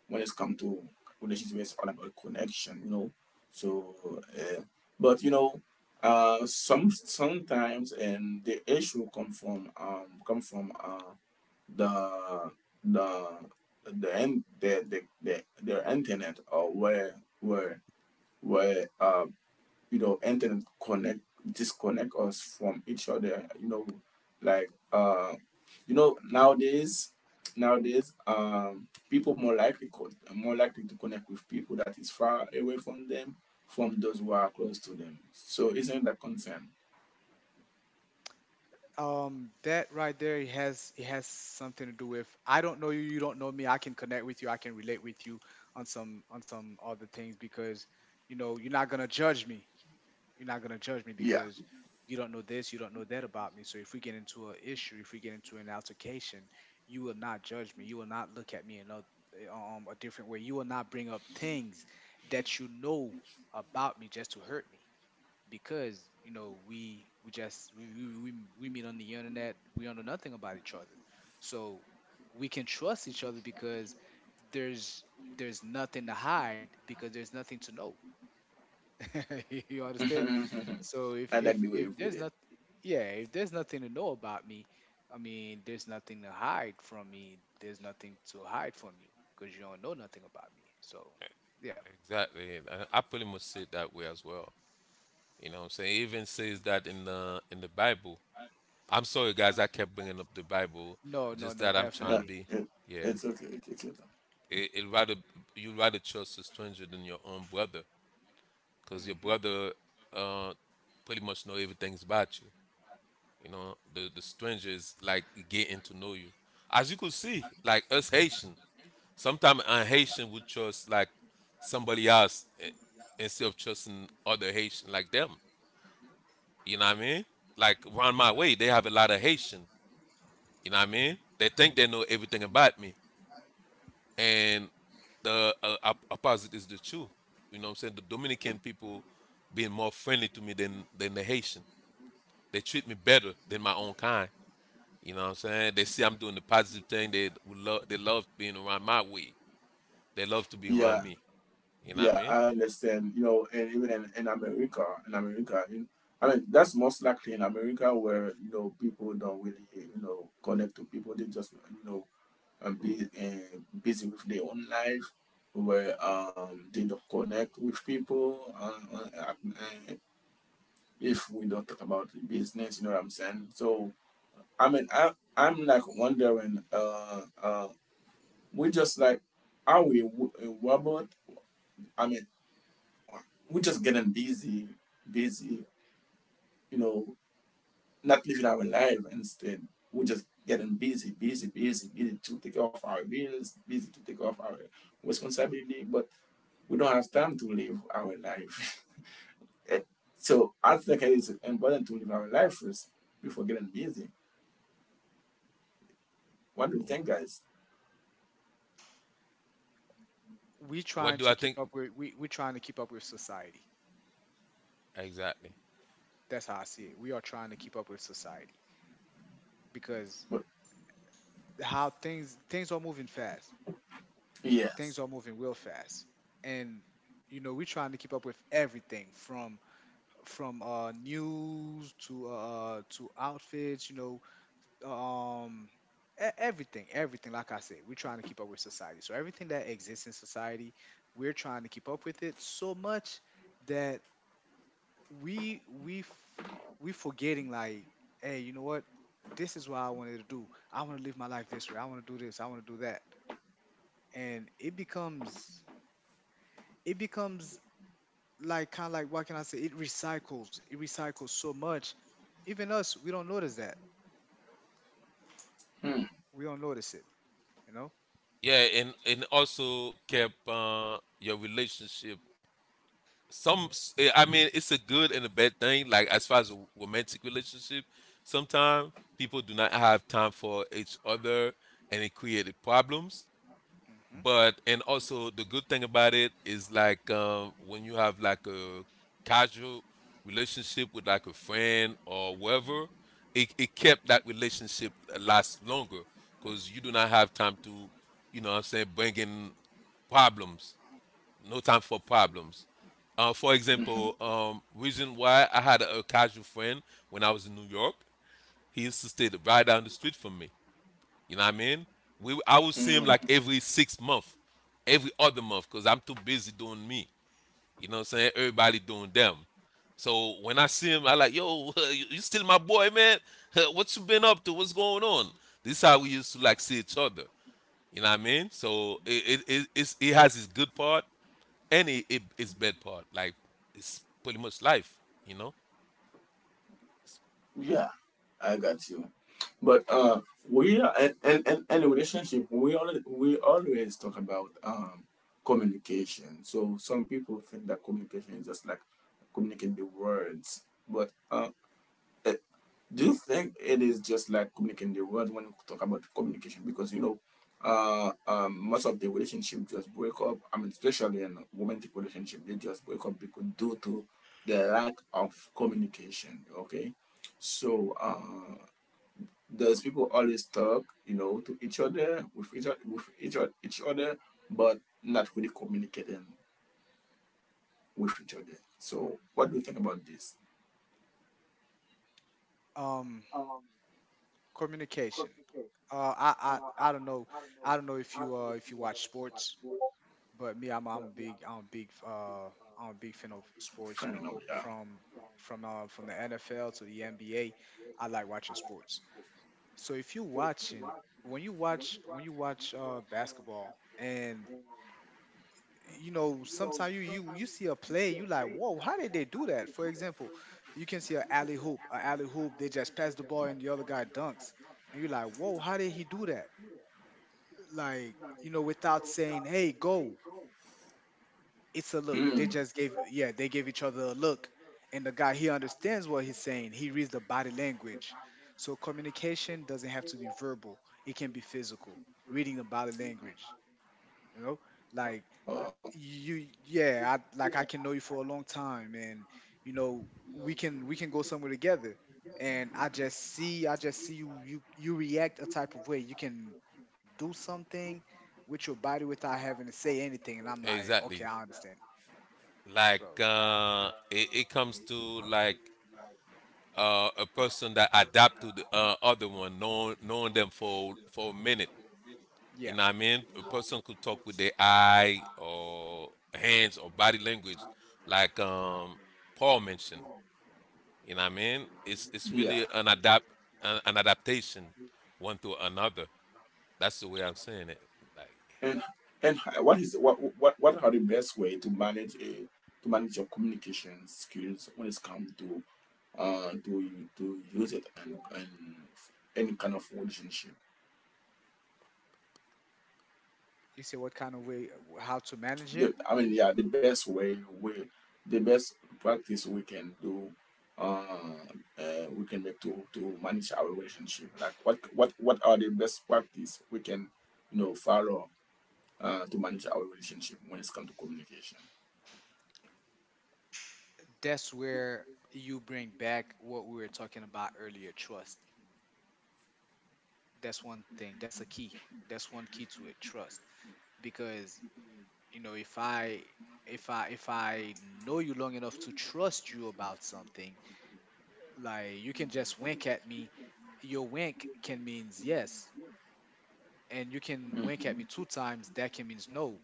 Speaker 1: when it's come to relationship, it's all about connection, you know. So uh, but you know, sometimes and the issue come from the the the end the their internet, or where where you know, internet connect disconnect us from each other, you know. Like, nowadays, people more likely more likely to connect with people that is far away from them, from those who are close to them. So isn't that concern?
Speaker 3: um, that right there, it has something to do with I don't know you, you don't know me. I can connect with you, I can relate with you on some other things because you know you're not gonna judge me. You're not gonna judge me
Speaker 1: Yeah.
Speaker 3: because you don't know this, you don't know that about me. So if we get into an issue, if we get into an altercation, you will not judge me. You will not look at me in a different way. You will not bring up things that you know about me just to hurt me because you know we just we meet on the internet. We don't know nothing about each other, so we can trust each other because there's there's nothing to hide because there's nothing to know. You understand? So
Speaker 1: I
Speaker 3: if
Speaker 1: like
Speaker 3: if
Speaker 1: the way you
Speaker 3: if
Speaker 1: put
Speaker 3: there's
Speaker 1: it.
Speaker 3: not, yeah, if there's nothing to know about me, I mean, there's nothing to hide from me, there's nothing to hide from you because you don't know nothing about me. So yeah.
Speaker 2: Exactly. I pretty much see it that way as well. You know what I'm saying? It even says that in the Bible. I'm sorry, guys. I kept bringing up the Bible.
Speaker 3: No, no,
Speaker 2: Just
Speaker 3: no,
Speaker 2: that I'm trying to
Speaker 1: Yeah,
Speaker 3: definitely.
Speaker 2: be.
Speaker 1: it,
Speaker 2: Yeah.
Speaker 1: it's okay, it it's time.
Speaker 2: It rather you rather trust a stranger than your own brother, because your
Speaker 3: Mm-hmm.
Speaker 2: brother uh pretty much know everything's about you. You know, the stranger is like getting to know you. As you could see, like us Haitian, sometimes a Haitian would trust like somebody else eh, instead of trusting other Haitian like them. You know what I mean? Like around my way, they have a lot of Haitian. You know what I mean? They think they know everything about me, and the op- opposite is the truth. You know what I'm saying? The Dominican people being more friendly to me than the Haitian. They treat me better than my own kind. You know what I'm saying? They see I'm doing the positive thing. They would love. They love being around my way. They love to be
Speaker 1: Yeah,
Speaker 2: around me. You know what
Speaker 1: yeah,
Speaker 2: I
Speaker 1: I understand. You know, and even in America, in America, in, I mean, that's most likely in America where you know people don't really you know connect to people. They just you know are busy, busy with their own life, where they don't connect with people. If we don't talk about business, you know what I'm saying. So I mean, I'm like wondering, we just like a robot? I mean, we're just getting busy, busy, you know, not living our life. Instead, we're just getting busy, busy, busy, busy to take care of our bills, busy to take care of our responsibility, but we don't have time to live our life. So I think it is important to live our life first before getting busy. What do you
Speaker 2: mean?
Speaker 1: think, guys?
Speaker 3: we
Speaker 2: What
Speaker 3: trying
Speaker 2: do I
Speaker 3: to
Speaker 2: think?
Speaker 3: keep up with we we trying to keep up with society.
Speaker 2: Exactly.
Speaker 3: That's how I see it. We are trying to keep up with society because
Speaker 1: But
Speaker 3: how things are moving fast. Things
Speaker 1: yes.
Speaker 3: are moving real fast, and you know we're trying to keep up with everything from news to outfits. Know, um. Everything, everything, like I said, we're trying to keep up with society. So everything that exists in society, we're trying to keep up with it so much that we we we forgetting like, hey, you know what? This is what I wanted to do. I want to live my life this way. I want to do this. I want to do that. And it becomes like kind of like, what can I say? It recycles. It recycles so much. Even us, we don't notice that.
Speaker 1: Mm,
Speaker 3: We don't notice it. You know.
Speaker 2: Yeah, and also kept your relationship. Some, s- eh, I mean, it's a good and a bad thing. Like as far as a romantic relationship, sometimes people do not have time for each other, and it created problems.
Speaker 3: Hmm.
Speaker 2: But and also the good thing about it is like when you have like a casual relationship with like a friend or whoever, it kept that relationship last longer because you do not have time to, you know what I'm saying, bring in problems. No time for problems. For
Speaker 1: mhm,
Speaker 2: example, reason why I had a casual friend when I was in New York, he used to stay right down the street from me. You know what I mean? We I will see him like
Speaker 1: mm.
Speaker 2: every six-month, every other month, cause I'm too busy doing me. You know what I'm saying? Everybody doing them. So when I see him, I like, yo, you still my boy, man. What you been up to? What's going on? This is how we used to like see each other. You know what I mean? So it has its good part and it its bad part. Like it's pretty much life. You know.
Speaker 1: Yeah, I got you. But we are, and relationship, we always talk about communication. So some people think that communication is just like communicating the words. But eh, do you think it is just like communicating the words when you talk about communication? Because, you know, most of the relationship just break up. I mean, especially in romantic relationship, they just break up because due to the lack of communication. Okay, so. Those people always talk, you know, to each other, with each other, each other, but not really communicating with each other. So, what do you think about this?
Speaker 3: Um, communication. Uh, I, I don't know. I don't know if you watch sports. But me, I'm a big I'm a big I'm a big fan of sports. You
Speaker 1: Friend,
Speaker 3: know,
Speaker 1: now, yeah.
Speaker 3: from the NFL to the NBA. I like watching sports. So if you're watching, when you watch basketball and you know sometimes you see a play, you like, whoa, how did they do that? For example, you can see a alley hoop, they just pass the ball and the other guy dunks, and you're like, whoa, how did he do that? Like, you know, without saying, hey, go, it's a look. They
Speaker 1: Hmm.
Speaker 3: just gave, yeah, they gave each other a look. And the guy, he understands what he's saying. He reads the body language. So communication doesn't have to be verbal. It can be physical. Reading the body language. You know? Like,
Speaker 1: Oh,
Speaker 3: you yeah, I like, I can know you for a long time and, you know, we can go somewhere together. And I just see you, you react a type of way. You can do something with your body without having to say anything, and I'm like, okay,
Speaker 2: Exactly.
Speaker 3: I understand.
Speaker 2: Like
Speaker 3: So
Speaker 2: it comes to like a person that adapt to the other one, knowing them for a minute. You
Speaker 3: yeah.
Speaker 2: know what I mean? A person could talk with their eye or hands or body language, like Paul mentioned. You know what I mean? It's
Speaker 1: yeah.
Speaker 2: really an adapt an adaptation one to another. That's the way I'm saying it. Like,
Speaker 1: And what is what are the best way to manage a to manage your communication skills when it's come to uh to to use it in any kind of relationship?
Speaker 3: You say what kind of way, how to manage it,
Speaker 1: I mean, yeah, the best way we, the best practice we can do, uh, we can make to manage our relationship. Like what are the best practice we can, you know, follow to manage our relationship when it comes to communication.
Speaker 3: that's where you bring back what we were talking about earlier: trust. That's one thing, that's a key, that's one key to it: trust. Because you know, if I know you long enough to trust you about something, like, you can just wink at me, your wink can means yes, and you can wink at me two times, that can means no.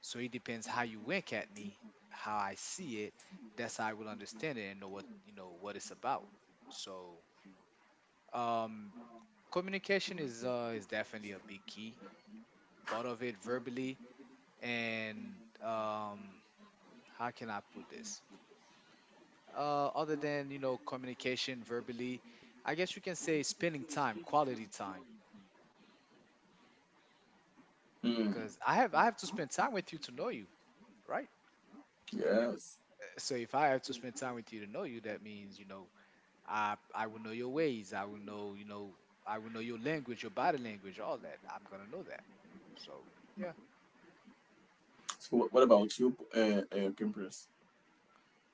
Speaker 3: So it depends how you wink at me, how I see it. That's how I will understand it and know what, you know, what it's about. So um, communication is definitely a big key part of it verbally. And um, how can I put this? Other than you know communication verbally, I guess you can say spending time, quality time,
Speaker 1: Mm,
Speaker 3: because I have to spend time with you to know you, right?
Speaker 1: yes.
Speaker 3: So if I have to spend time with you to know you, that means, you know, I will know your ways. I will know, you know, I will know your language, your body language, all that. I'm gonna know that. So yeah.
Speaker 1: So what about you, Kimberly?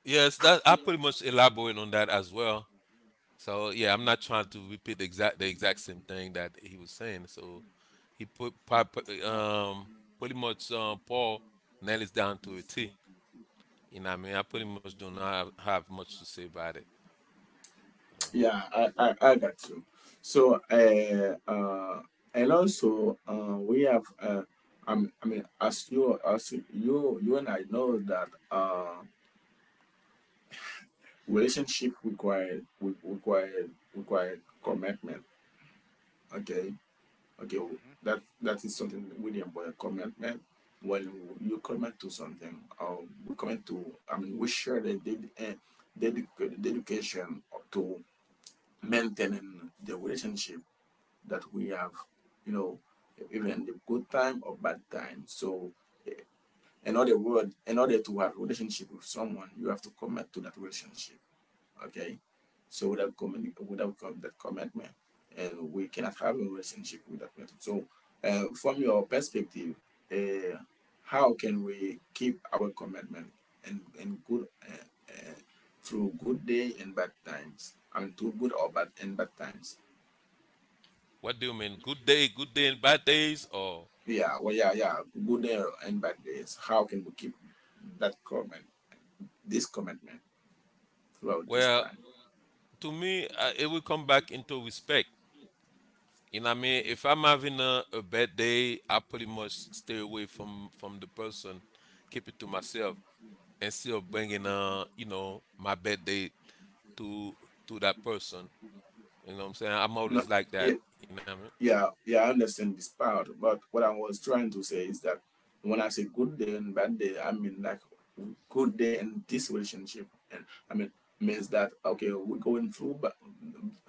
Speaker 2: yes, that I pretty much elaborate on that as well. So yeah, I'm not trying to repeat the exact same thing that he was saying. So he put pop- um pretty much Paul nails down to a T. You know, what I mean, I pretty much do not have much to say about it. You know.
Speaker 1: Yeah, I got you. So, and also, we have, I mean, as you, you and I know that relationship require re- require require commitment. Okay, okay,
Speaker 3: Hmm.
Speaker 1: that that is something really important. Commitment. When you commit to something, or we commit to, I mean, we share the dedication to maintaining the relationship that we have, you know, even the good time or bad time. So eh, in other word, in order to have a relationship with someone, you have to commit to that relationship. Okay. So without commitment, without that commitment, and we cannot have a relationship with that person. So from your perspective, uh, how can we keep our commitment and good uh, through good day and bad times? Through good or bad and bad times.
Speaker 2: What do you mean? Good day, and bad days, or
Speaker 1: Yeah, well, yeah, yeah. Good day and bad days. How can we keep that comment, this commitment throughout this
Speaker 2: well,
Speaker 1: time?
Speaker 2: to me, it will come back into respect. And I mean, if I'm having a bad day, I pretty much stay away from the person, keep it to myself, instead of bringing you know, my bad day to that person. You know what I'm saying? I'm
Speaker 1: No,
Speaker 2: always like
Speaker 1: yeah,
Speaker 2: that. You know what I mean?
Speaker 1: yeah, I understand this part, but what I was trying to say is that when I say good day and bad day, I mean like good day in this relationship, and I mean means that okay, we're going through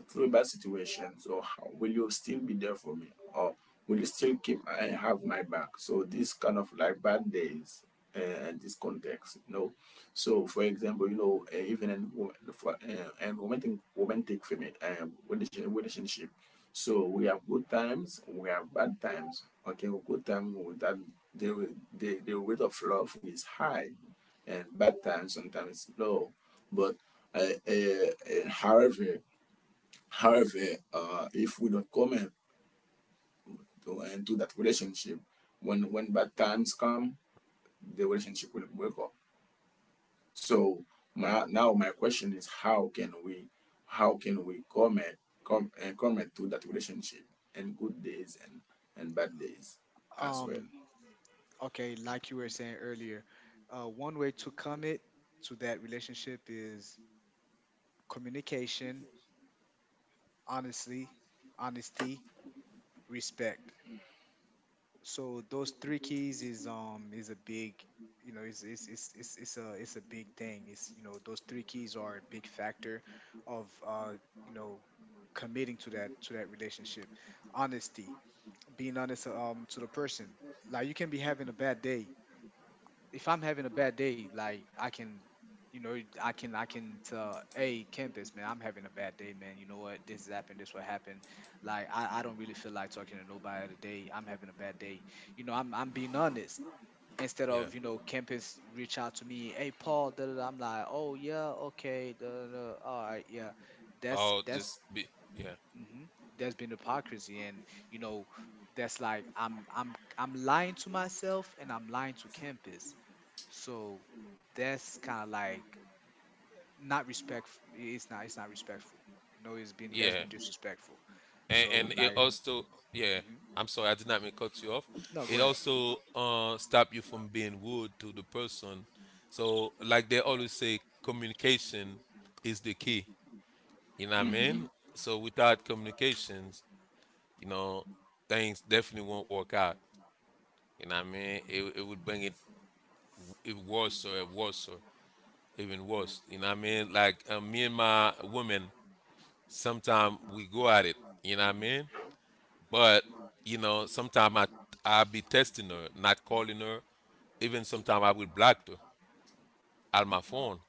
Speaker 1: through a bad situation. So how, will you still be there for me, or will you still keep I have my back? So this kind of like bad days and this context, So for example, even in wo- for and romantic relationship, so we have good times, we have bad times. Okay, well, good time with that the the rate of love is high, and bad times sometimes low. But however, However, if we don't commit to into that relationship, when bad times come, the relationship will break off. So now my question is how can we comment come and comment to that relationship and good days and bad days as well.
Speaker 3: Um, okay, like you were saying earlier, one way to commit to that relationship is communication, honestly, honesty, respect. So those three keys is a big, you know, it's a big thing. It's, you know, those three keys are a big factor of you know committing to that relationship. Honesty, being honest to the person. Like, you can be having a bad day. If I'm having a bad day, like you know, I can tell, hey, campus man, I'm having a bad day, man. You know what? This happened. This what happened. Like, I don't really feel like talking to nobody today. I'm having a bad day. You know, I'm being honest. Instead
Speaker 2: Yeah.
Speaker 3: of, you know, campus reach out to me, hey Paul, da, da, da, I'm like, oh yeah, okay, da, da, da, all right, yeah.
Speaker 2: I'll
Speaker 3: That's
Speaker 2: just be. Yeah.
Speaker 3: hmm, that's been hypocrisy, and you know, that's like I'm lying to myself and I'm lying to campus. So that's kind of like not respect. It's not. It's not respectful. You know, it's been, that's
Speaker 2: Yeah.
Speaker 3: been disrespectful. So
Speaker 2: And it
Speaker 3: like,
Speaker 2: also. Yeah.
Speaker 3: mhm.
Speaker 2: I'm sorry, I did not mean to cut you off.
Speaker 3: No,
Speaker 2: It
Speaker 3: go ahead.
Speaker 2: also stop you from being rude to the person. So like they always say, communication is the key. You know what I mean?
Speaker 1: Hmm.
Speaker 2: So without communications, you know, things definitely won't work out. You know what I mean? It would bring it it worse or even worse. You know what I mean? Like me and my woman, sometimes we go at it. You know what I mean? But you know, sometimes I be testing her, not calling her. Even sometimes I will block her on my phone.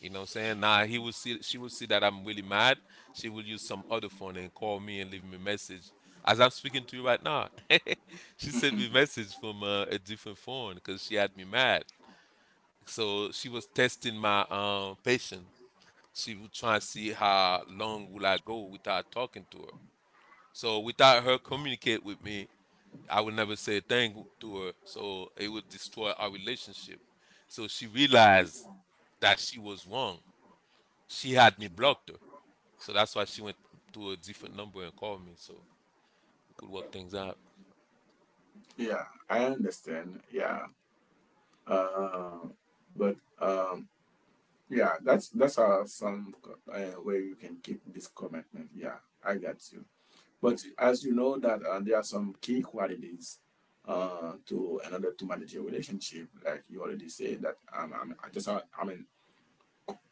Speaker 2: You know what I'm saying? Now he will see she will see that I'm really mad. She will use some other phone and call me and leave me a message. As I'm speaking to you right now, she sent me a message from a different phone because she had me mad. So she was testing my patience. She would try and see how long will I go without talking to her. So without her communicate with me, I would never say a thing to her. So it would destroy our relationship. So she realized that she was wrong. She had me blocked her. So that's why she went to a different number and called me so we could work things out.
Speaker 1: Yeah, I understand. Yeah, uh, but yeah, that's some way you can keep this commitment. Yeah, I got you. But as you know that there are some key qualities to manage your relationship, like you already said that I'm, I just I mean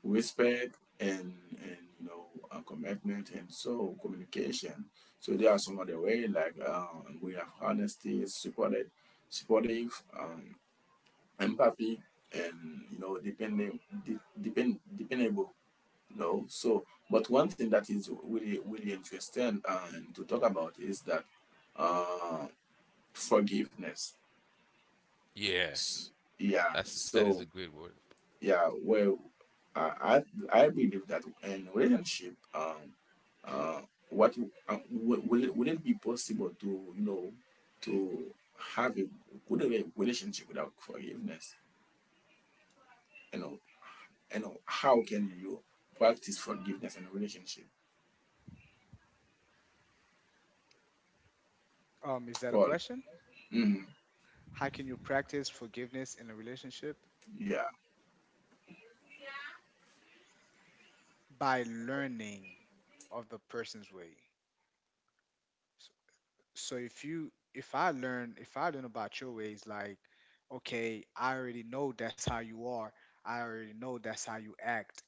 Speaker 1: respect and you know commitment and so communication. So there are some other way like we have honesty, supportive, empathy, and you know dependable. No. So, but one thing that is really, really interesting and to talk about is that uh, forgiveness.
Speaker 2: Yeah,
Speaker 1: S- Yeah.
Speaker 2: that's that
Speaker 1: So,
Speaker 2: is a great word.
Speaker 1: yeah. Well, I, I, I believe that in relationship, uh, what will it be possible to you know to have a good relationship without forgiveness? You know, you know, how can you practice forgiveness in a relationship,
Speaker 3: Is that a
Speaker 1: Paul?
Speaker 3: question?
Speaker 1: Mhm.
Speaker 3: How can you practice forgiveness in a relationship?
Speaker 1: Yeah.
Speaker 3: By learning of the person's way? So if I learn, if I learn about your ways, like, okay, I already know that's how you are, I already know that's how you act,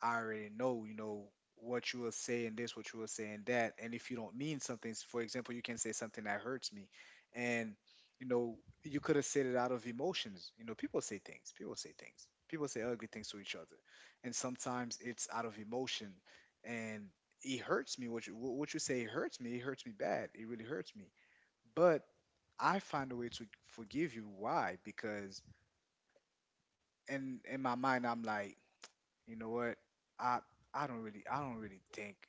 Speaker 3: I already know, you know, what you will say in this, what you will say in that. And if you don't mean something, for example, you can say something that hurts me, and, you know, you could have said it out of emotions. You know, people say ugly things to each other, and sometimes it's out of emotion. And it hurts me. What you say hurts me. It hurts me bad. It really hurts me. But I find a way to forgive you. Why? Because in my mind, I'm like, you know what? I I don't really think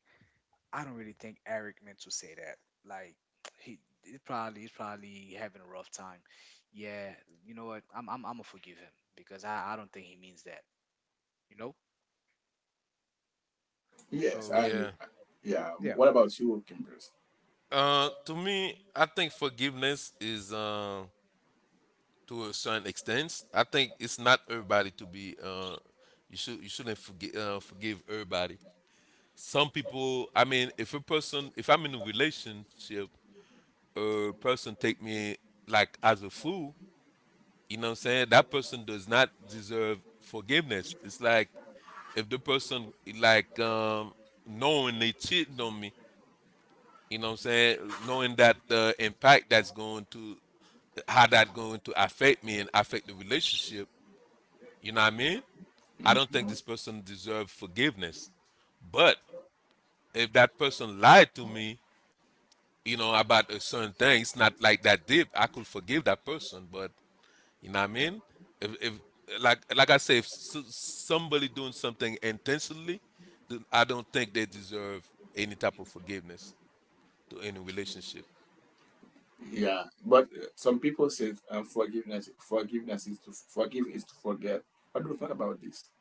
Speaker 3: I don't really think Eric meant to say that. Like, he. It probably, he's probably having a rough time. Yeah, you know what? I'm gonna forgive him, because I don't think he means that. You know?
Speaker 1: Yes,
Speaker 3: So
Speaker 1: and
Speaker 2: Yeah.
Speaker 1: yeah.
Speaker 3: yeah.
Speaker 1: What about you, Kimbers?
Speaker 2: To me, I think forgiveness is to a certain extent. I think it's not everybody to be. You shouldn't forgive forgive everybody. Some people. I mean, if a person, if I'm in a relationship, a person take me like as a fool. You know what I'm saying? That person does not deserve forgiveness. It's like if the person like um knowing they cheated on me, you know what I'm saying? Knowing that the impact that's going to, how that going to affect me and affect the relationship, you know what I mean? I
Speaker 1: Mm.
Speaker 2: don't think this person deserves forgiveness. But if that person lied to me, you know, about a certain thing, it's not like that deep. I could forgive that person, but you know what I mean? If like I say, if somebody doing something intentionally, then I don't think they deserve any type of forgiveness to any relationship.
Speaker 1: Yeah, but some people say forgiveness is to forgive is to forget. What do you think about this?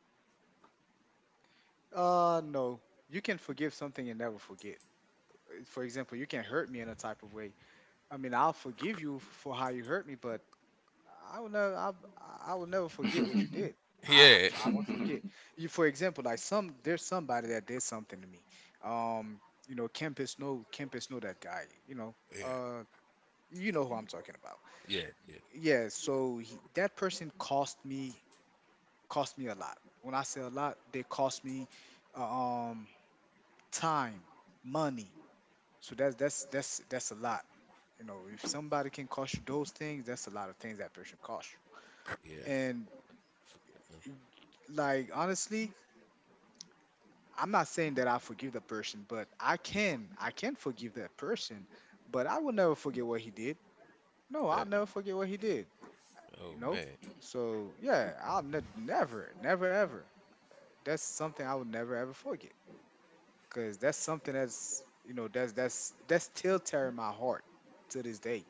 Speaker 3: Uh, no. You can forgive something and never forget. For example, you can hurt me in a type of way. I mean, I'll forgive you for how you hurt me, but I will never, I will never forget what you did.
Speaker 2: Yeah,
Speaker 3: I won't forget. You, for example, like, some, there's somebody that did something to me. Um, you know, Kempis know that guy.
Speaker 2: yeah,
Speaker 3: Uh, you know who I'm talking about.
Speaker 2: yeah, yeah,
Speaker 3: Yeah. So he, that person cost me a lot. When I say a lot, they cost me, uh, um, time, money. So that's a lot. You know, if somebody can cost you those things, that's a lot of things that person cost you.
Speaker 2: yeah.
Speaker 3: And,
Speaker 2: Forget them.
Speaker 3: like, honestly, I'm not saying that I forgive the person, but I can forgive that person, but I will never forget what he did. No, I'll
Speaker 2: Hey,
Speaker 3: never forget what he did. You
Speaker 2: oh
Speaker 3: know,
Speaker 2: man,
Speaker 3: so yeah, I'll never, never, ever. That's something I will never ever forget, cause that's something that's, you know, that's still tearing my heart to this day.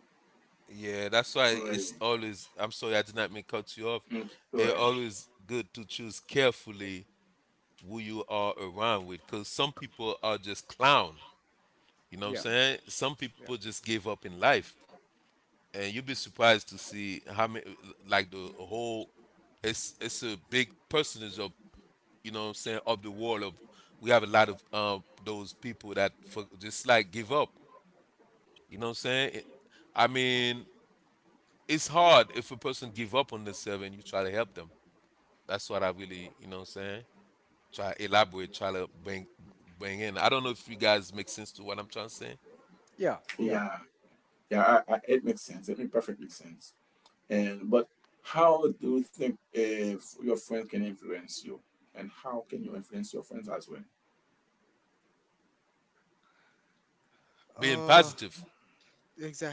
Speaker 2: yeah. That's why
Speaker 1: Really?
Speaker 2: it's
Speaker 3: So
Speaker 2: always, I'm sorry, I did not mean to cut you off.
Speaker 1: Okay. All
Speaker 2: It's
Speaker 1: right.
Speaker 2: always good to choose carefully who you are around with, because some people are just clown. You know what I'm
Speaker 3: yeah,
Speaker 2: saying? Some people
Speaker 3: yeah,
Speaker 2: just give up in life, and you'll be surprised to see how many, like, the whole, it's a big percentage of, you know what I'm saying, of the world of, we have a lot of those people that for just like give up, you know what I'm saying. I
Speaker 3: hmm,
Speaker 2: mean, it's hard if a person give up on themselves and you try to help them, that's what I really, you know what I'm saying, try elaborate, try to bring, bring in. I don't know if you guys make sense to what I'm trying to say.
Speaker 3: yeah, yeah.
Speaker 1: Yeah, yeah. It makes sense. It makes perfectly sense. And but how do you think if your friends can influence you, and how can you influence your friends as well?
Speaker 2: Being
Speaker 3: Uh,
Speaker 2: positive.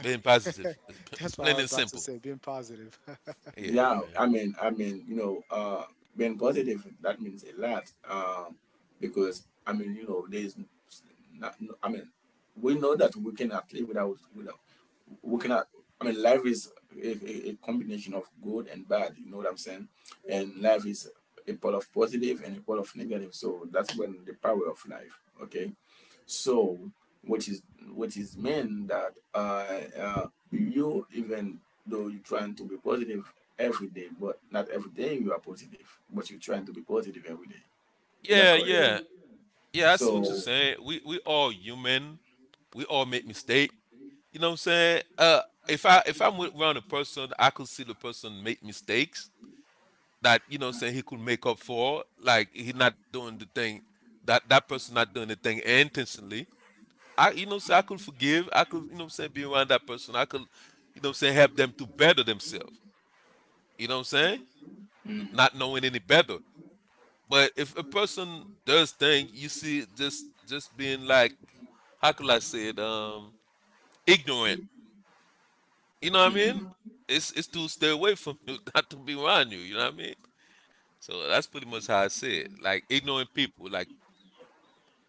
Speaker 2: Being positive,
Speaker 3: That's what I
Speaker 2: plain
Speaker 3: was
Speaker 2: and
Speaker 3: about to
Speaker 2: simple.
Speaker 3: say, being positive.
Speaker 2: Yeah,
Speaker 1: Yeah, i
Speaker 2: man.
Speaker 1: mean i mean you know, being positive, that means a lot. Because I mean, you know, there's not, no, I mean, we know that we cannot live without we cannot, I mean, life is a combination of good and bad, you know what I'm saying? And life is a part of positive and a part of negative, so that's when the power of life. Okay, so, which is mean that you even though you're trying to be positive every day, but not every day you are positive, but you're trying to be positive every day. Is that
Speaker 2: Yeah,
Speaker 1: correct? Yeah.
Speaker 2: yeah, yeah. I see what you're
Speaker 1: So,
Speaker 2: saying. We all human. We all make mistake. You know what I'm saying? If I if I'm around a person, I could see the person make mistakes that, you know what I'm saying, he could make up for. Like he not doing the thing, that that person not doing the thing intentionally. I, you know what I'm saying, I could forgive. I could, you know what I'm saying, be around that person. I could, you know what I'm saying, help them to better themselves. You know what I'm saying? Not knowing any better. But if a person does think, you see, just being like, how could I say it, ignorant, you know what I mean?
Speaker 1: mhm,
Speaker 2: It's to stay away from you, not to be around you, you know what I mean? So that's pretty much how I say it. Like ignorant people, like,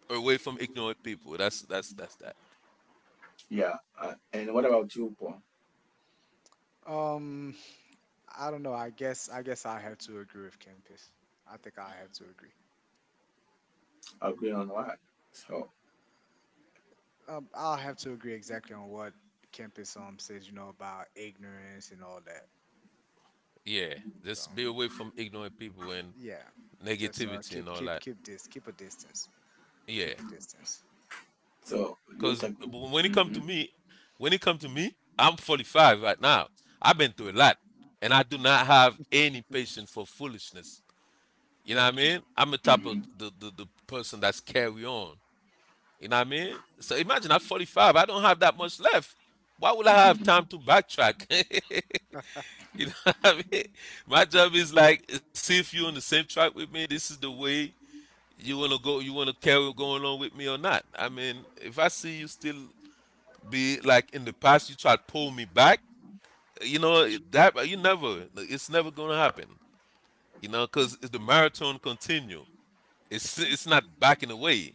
Speaker 2: away from ignorant people. That's that.
Speaker 1: yeah. And what about you, Paul?
Speaker 3: Um, I don't know. I guess I have to agree with Campus. I think I have to agree.
Speaker 1: Agree
Speaker 2: Y-
Speaker 1: on what? So,
Speaker 3: I'll have to agree exactly on what Campus says, you know, about ignorance and all that.
Speaker 2: Yeah,
Speaker 3: So
Speaker 2: just be away from ignorant people and
Speaker 3: yeah, just
Speaker 2: negativity and all that.
Speaker 3: keep this, keep a distance,
Speaker 2: Yeah.
Speaker 3: keep a distance.
Speaker 1: so you
Speaker 2: Cause
Speaker 1: think?
Speaker 2: when it come to
Speaker 1: Hmm.
Speaker 2: me, when it come to me, I'm 45 right now. I've been through a lot, and I do not have any patience for foolishness. You know
Speaker 3: Yeah.
Speaker 2: what I mean? I'm the type of
Speaker 1: Hmm.
Speaker 2: the person that's carry on. You know what I mean? So imagine I'm 45. I don't have that much left. Why would I have time to backtrack? You know what I mean? My job is like see if you're on the same track with me. This is the way you want to go. You want to carry going on with me or not? I mean, if I see you still be like in the past, you try to pull me back, you know that you never, it's never gonna happen, you know, because the marathon continue. It's not backing away,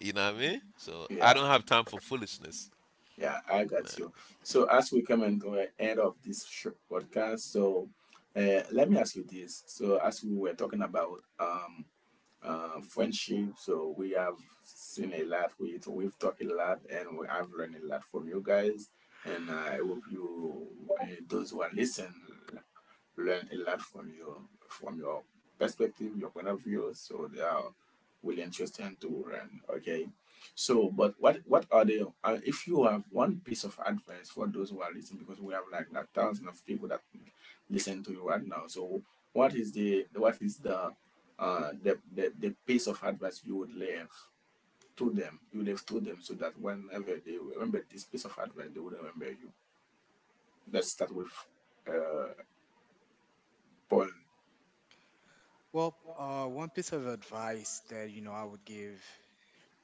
Speaker 2: you know what I mean? So I
Speaker 1: Yeah.
Speaker 2: don't have time for foolishness,
Speaker 1: Yeah, I got
Speaker 2: man.
Speaker 1: you. So as we come into the end of this podcast, so let me ask you this. So as we were talking about friendship, so we have seen a lot, we've talked a lot, and we have learned a lot from you guys. And I hope you, those who are listening, learn a lot from you, from your perspective, your point of view. So they are really interesting to learn. Okay. So, but what are the if you have one piece of advice for those who are listening, because we have like thousands of people that listen to you right now. So, what is the the piece of advice you would leave to them, you leave to them, so that whenever they remember this piece of advice, they would remember you. Let's start with uh, Paul.
Speaker 3: Well, one piece of advice that you know I would give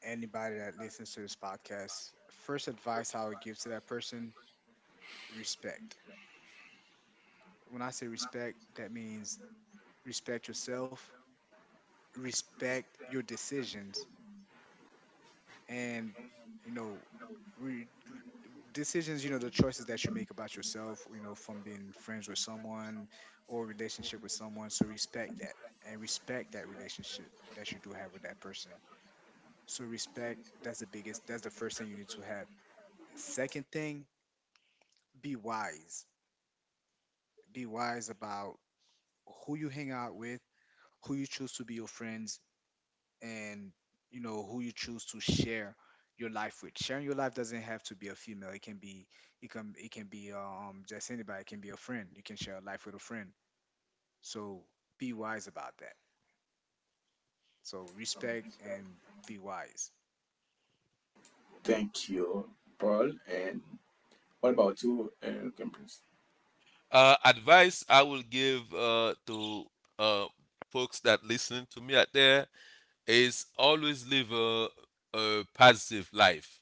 Speaker 3: anybody that listens to this podcast, first advice I would give to that person, respect. When I say respect, that means respect yourself, respect your decisions, and you know, re- decisions. You know, the choices that you make about yourself. You know, from being friends with someone or relationship with someone. So respect that and respect that relationship that you do have with that person. So respect. That's the biggest. That's the first thing you need to have. Second thing, be wise. Be wise about who you hang out with, who you choose to be your friends, and you know who you choose to share your life with. Sharing your life doesn't have to be a female. It can be, it can be just anybody. It can be a friend. You can share a life with a friend. So be wise about that. So respect and be wise.
Speaker 1: Thank you, Paul. And what about you, Campus?
Speaker 2: Uh, advice I will give to uh folks that listen to me out there is always live a positive life,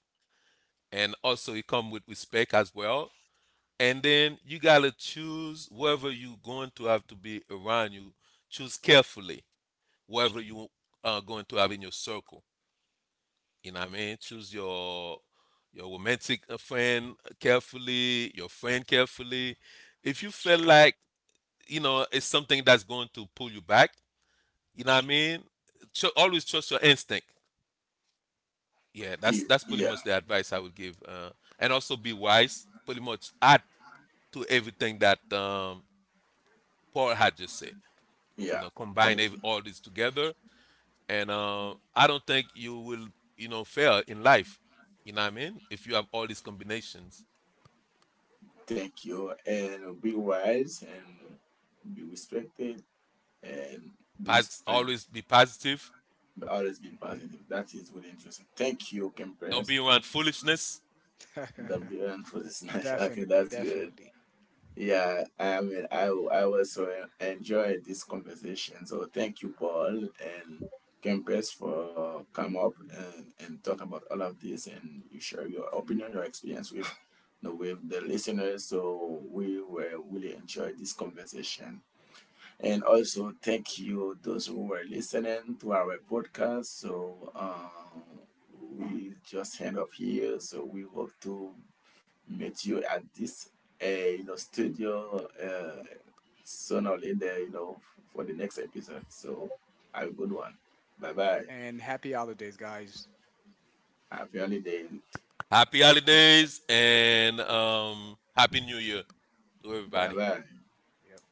Speaker 2: and also it come with respect as well. And then you gotta choose whoever you going to have to be around you. Choose carefully whoever you are going to have in your circle. You know what I mean? Choose your romantic friend carefully, your friend carefully. If you feel like, you know, it's something that's going to pull you back, you know what I mean? Always trust your instinct. Yeah, that's pretty much
Speaker 1: Yeah,
Speaker 2: the advice I would give. And also be wise, pretty much add to everything that Paul had just said. You
Speaker 1: yeah.
Speaker 2: know, combine
Speaker 1: Thank you,
Speaker 2: all this together, and I don't think you will, you know, fail in life, you know what I mean, if you have all these combinations.
Speaker 1: thank you. And be wise and be respected and be res- and
Speaker 2: Always be positive.
Speaker 1: always be
Speaker 3: Hmm.
Speaker 1: positive. That is really interesting. Thank you,
Speaker 2: Don't
Speaker 1: Campus,
Speaker 2: be around foolishness.
Speaker 1: the beyond for this match. Okay,
Speaker 3: Definitely,
Speaker 1: that's good.
Speaker 3: definitely.
Speaker 1: Yeah, I mean, I also enjoyed this conversation. So thank you, Paul and Kempes, for come up and talk about all of this and you share your opinion, your experience with the listeners. So we were really enjoyed this conversation. And also thank you those who were listening to our podcast. So we just end up here. So we hope to meet you at this you know studio, soon or later, you know, for the next episode. So have a good one. Bye bye.
Speaker 3: And happy holidays, guys.
Speaker 1: Happy holiday.
Speaker 2: Happy holidays, and happy new year to
Speaker 1: Bye
Speaker 2: everybody.
Speaker 1: bye.
Speaker 3: Yep.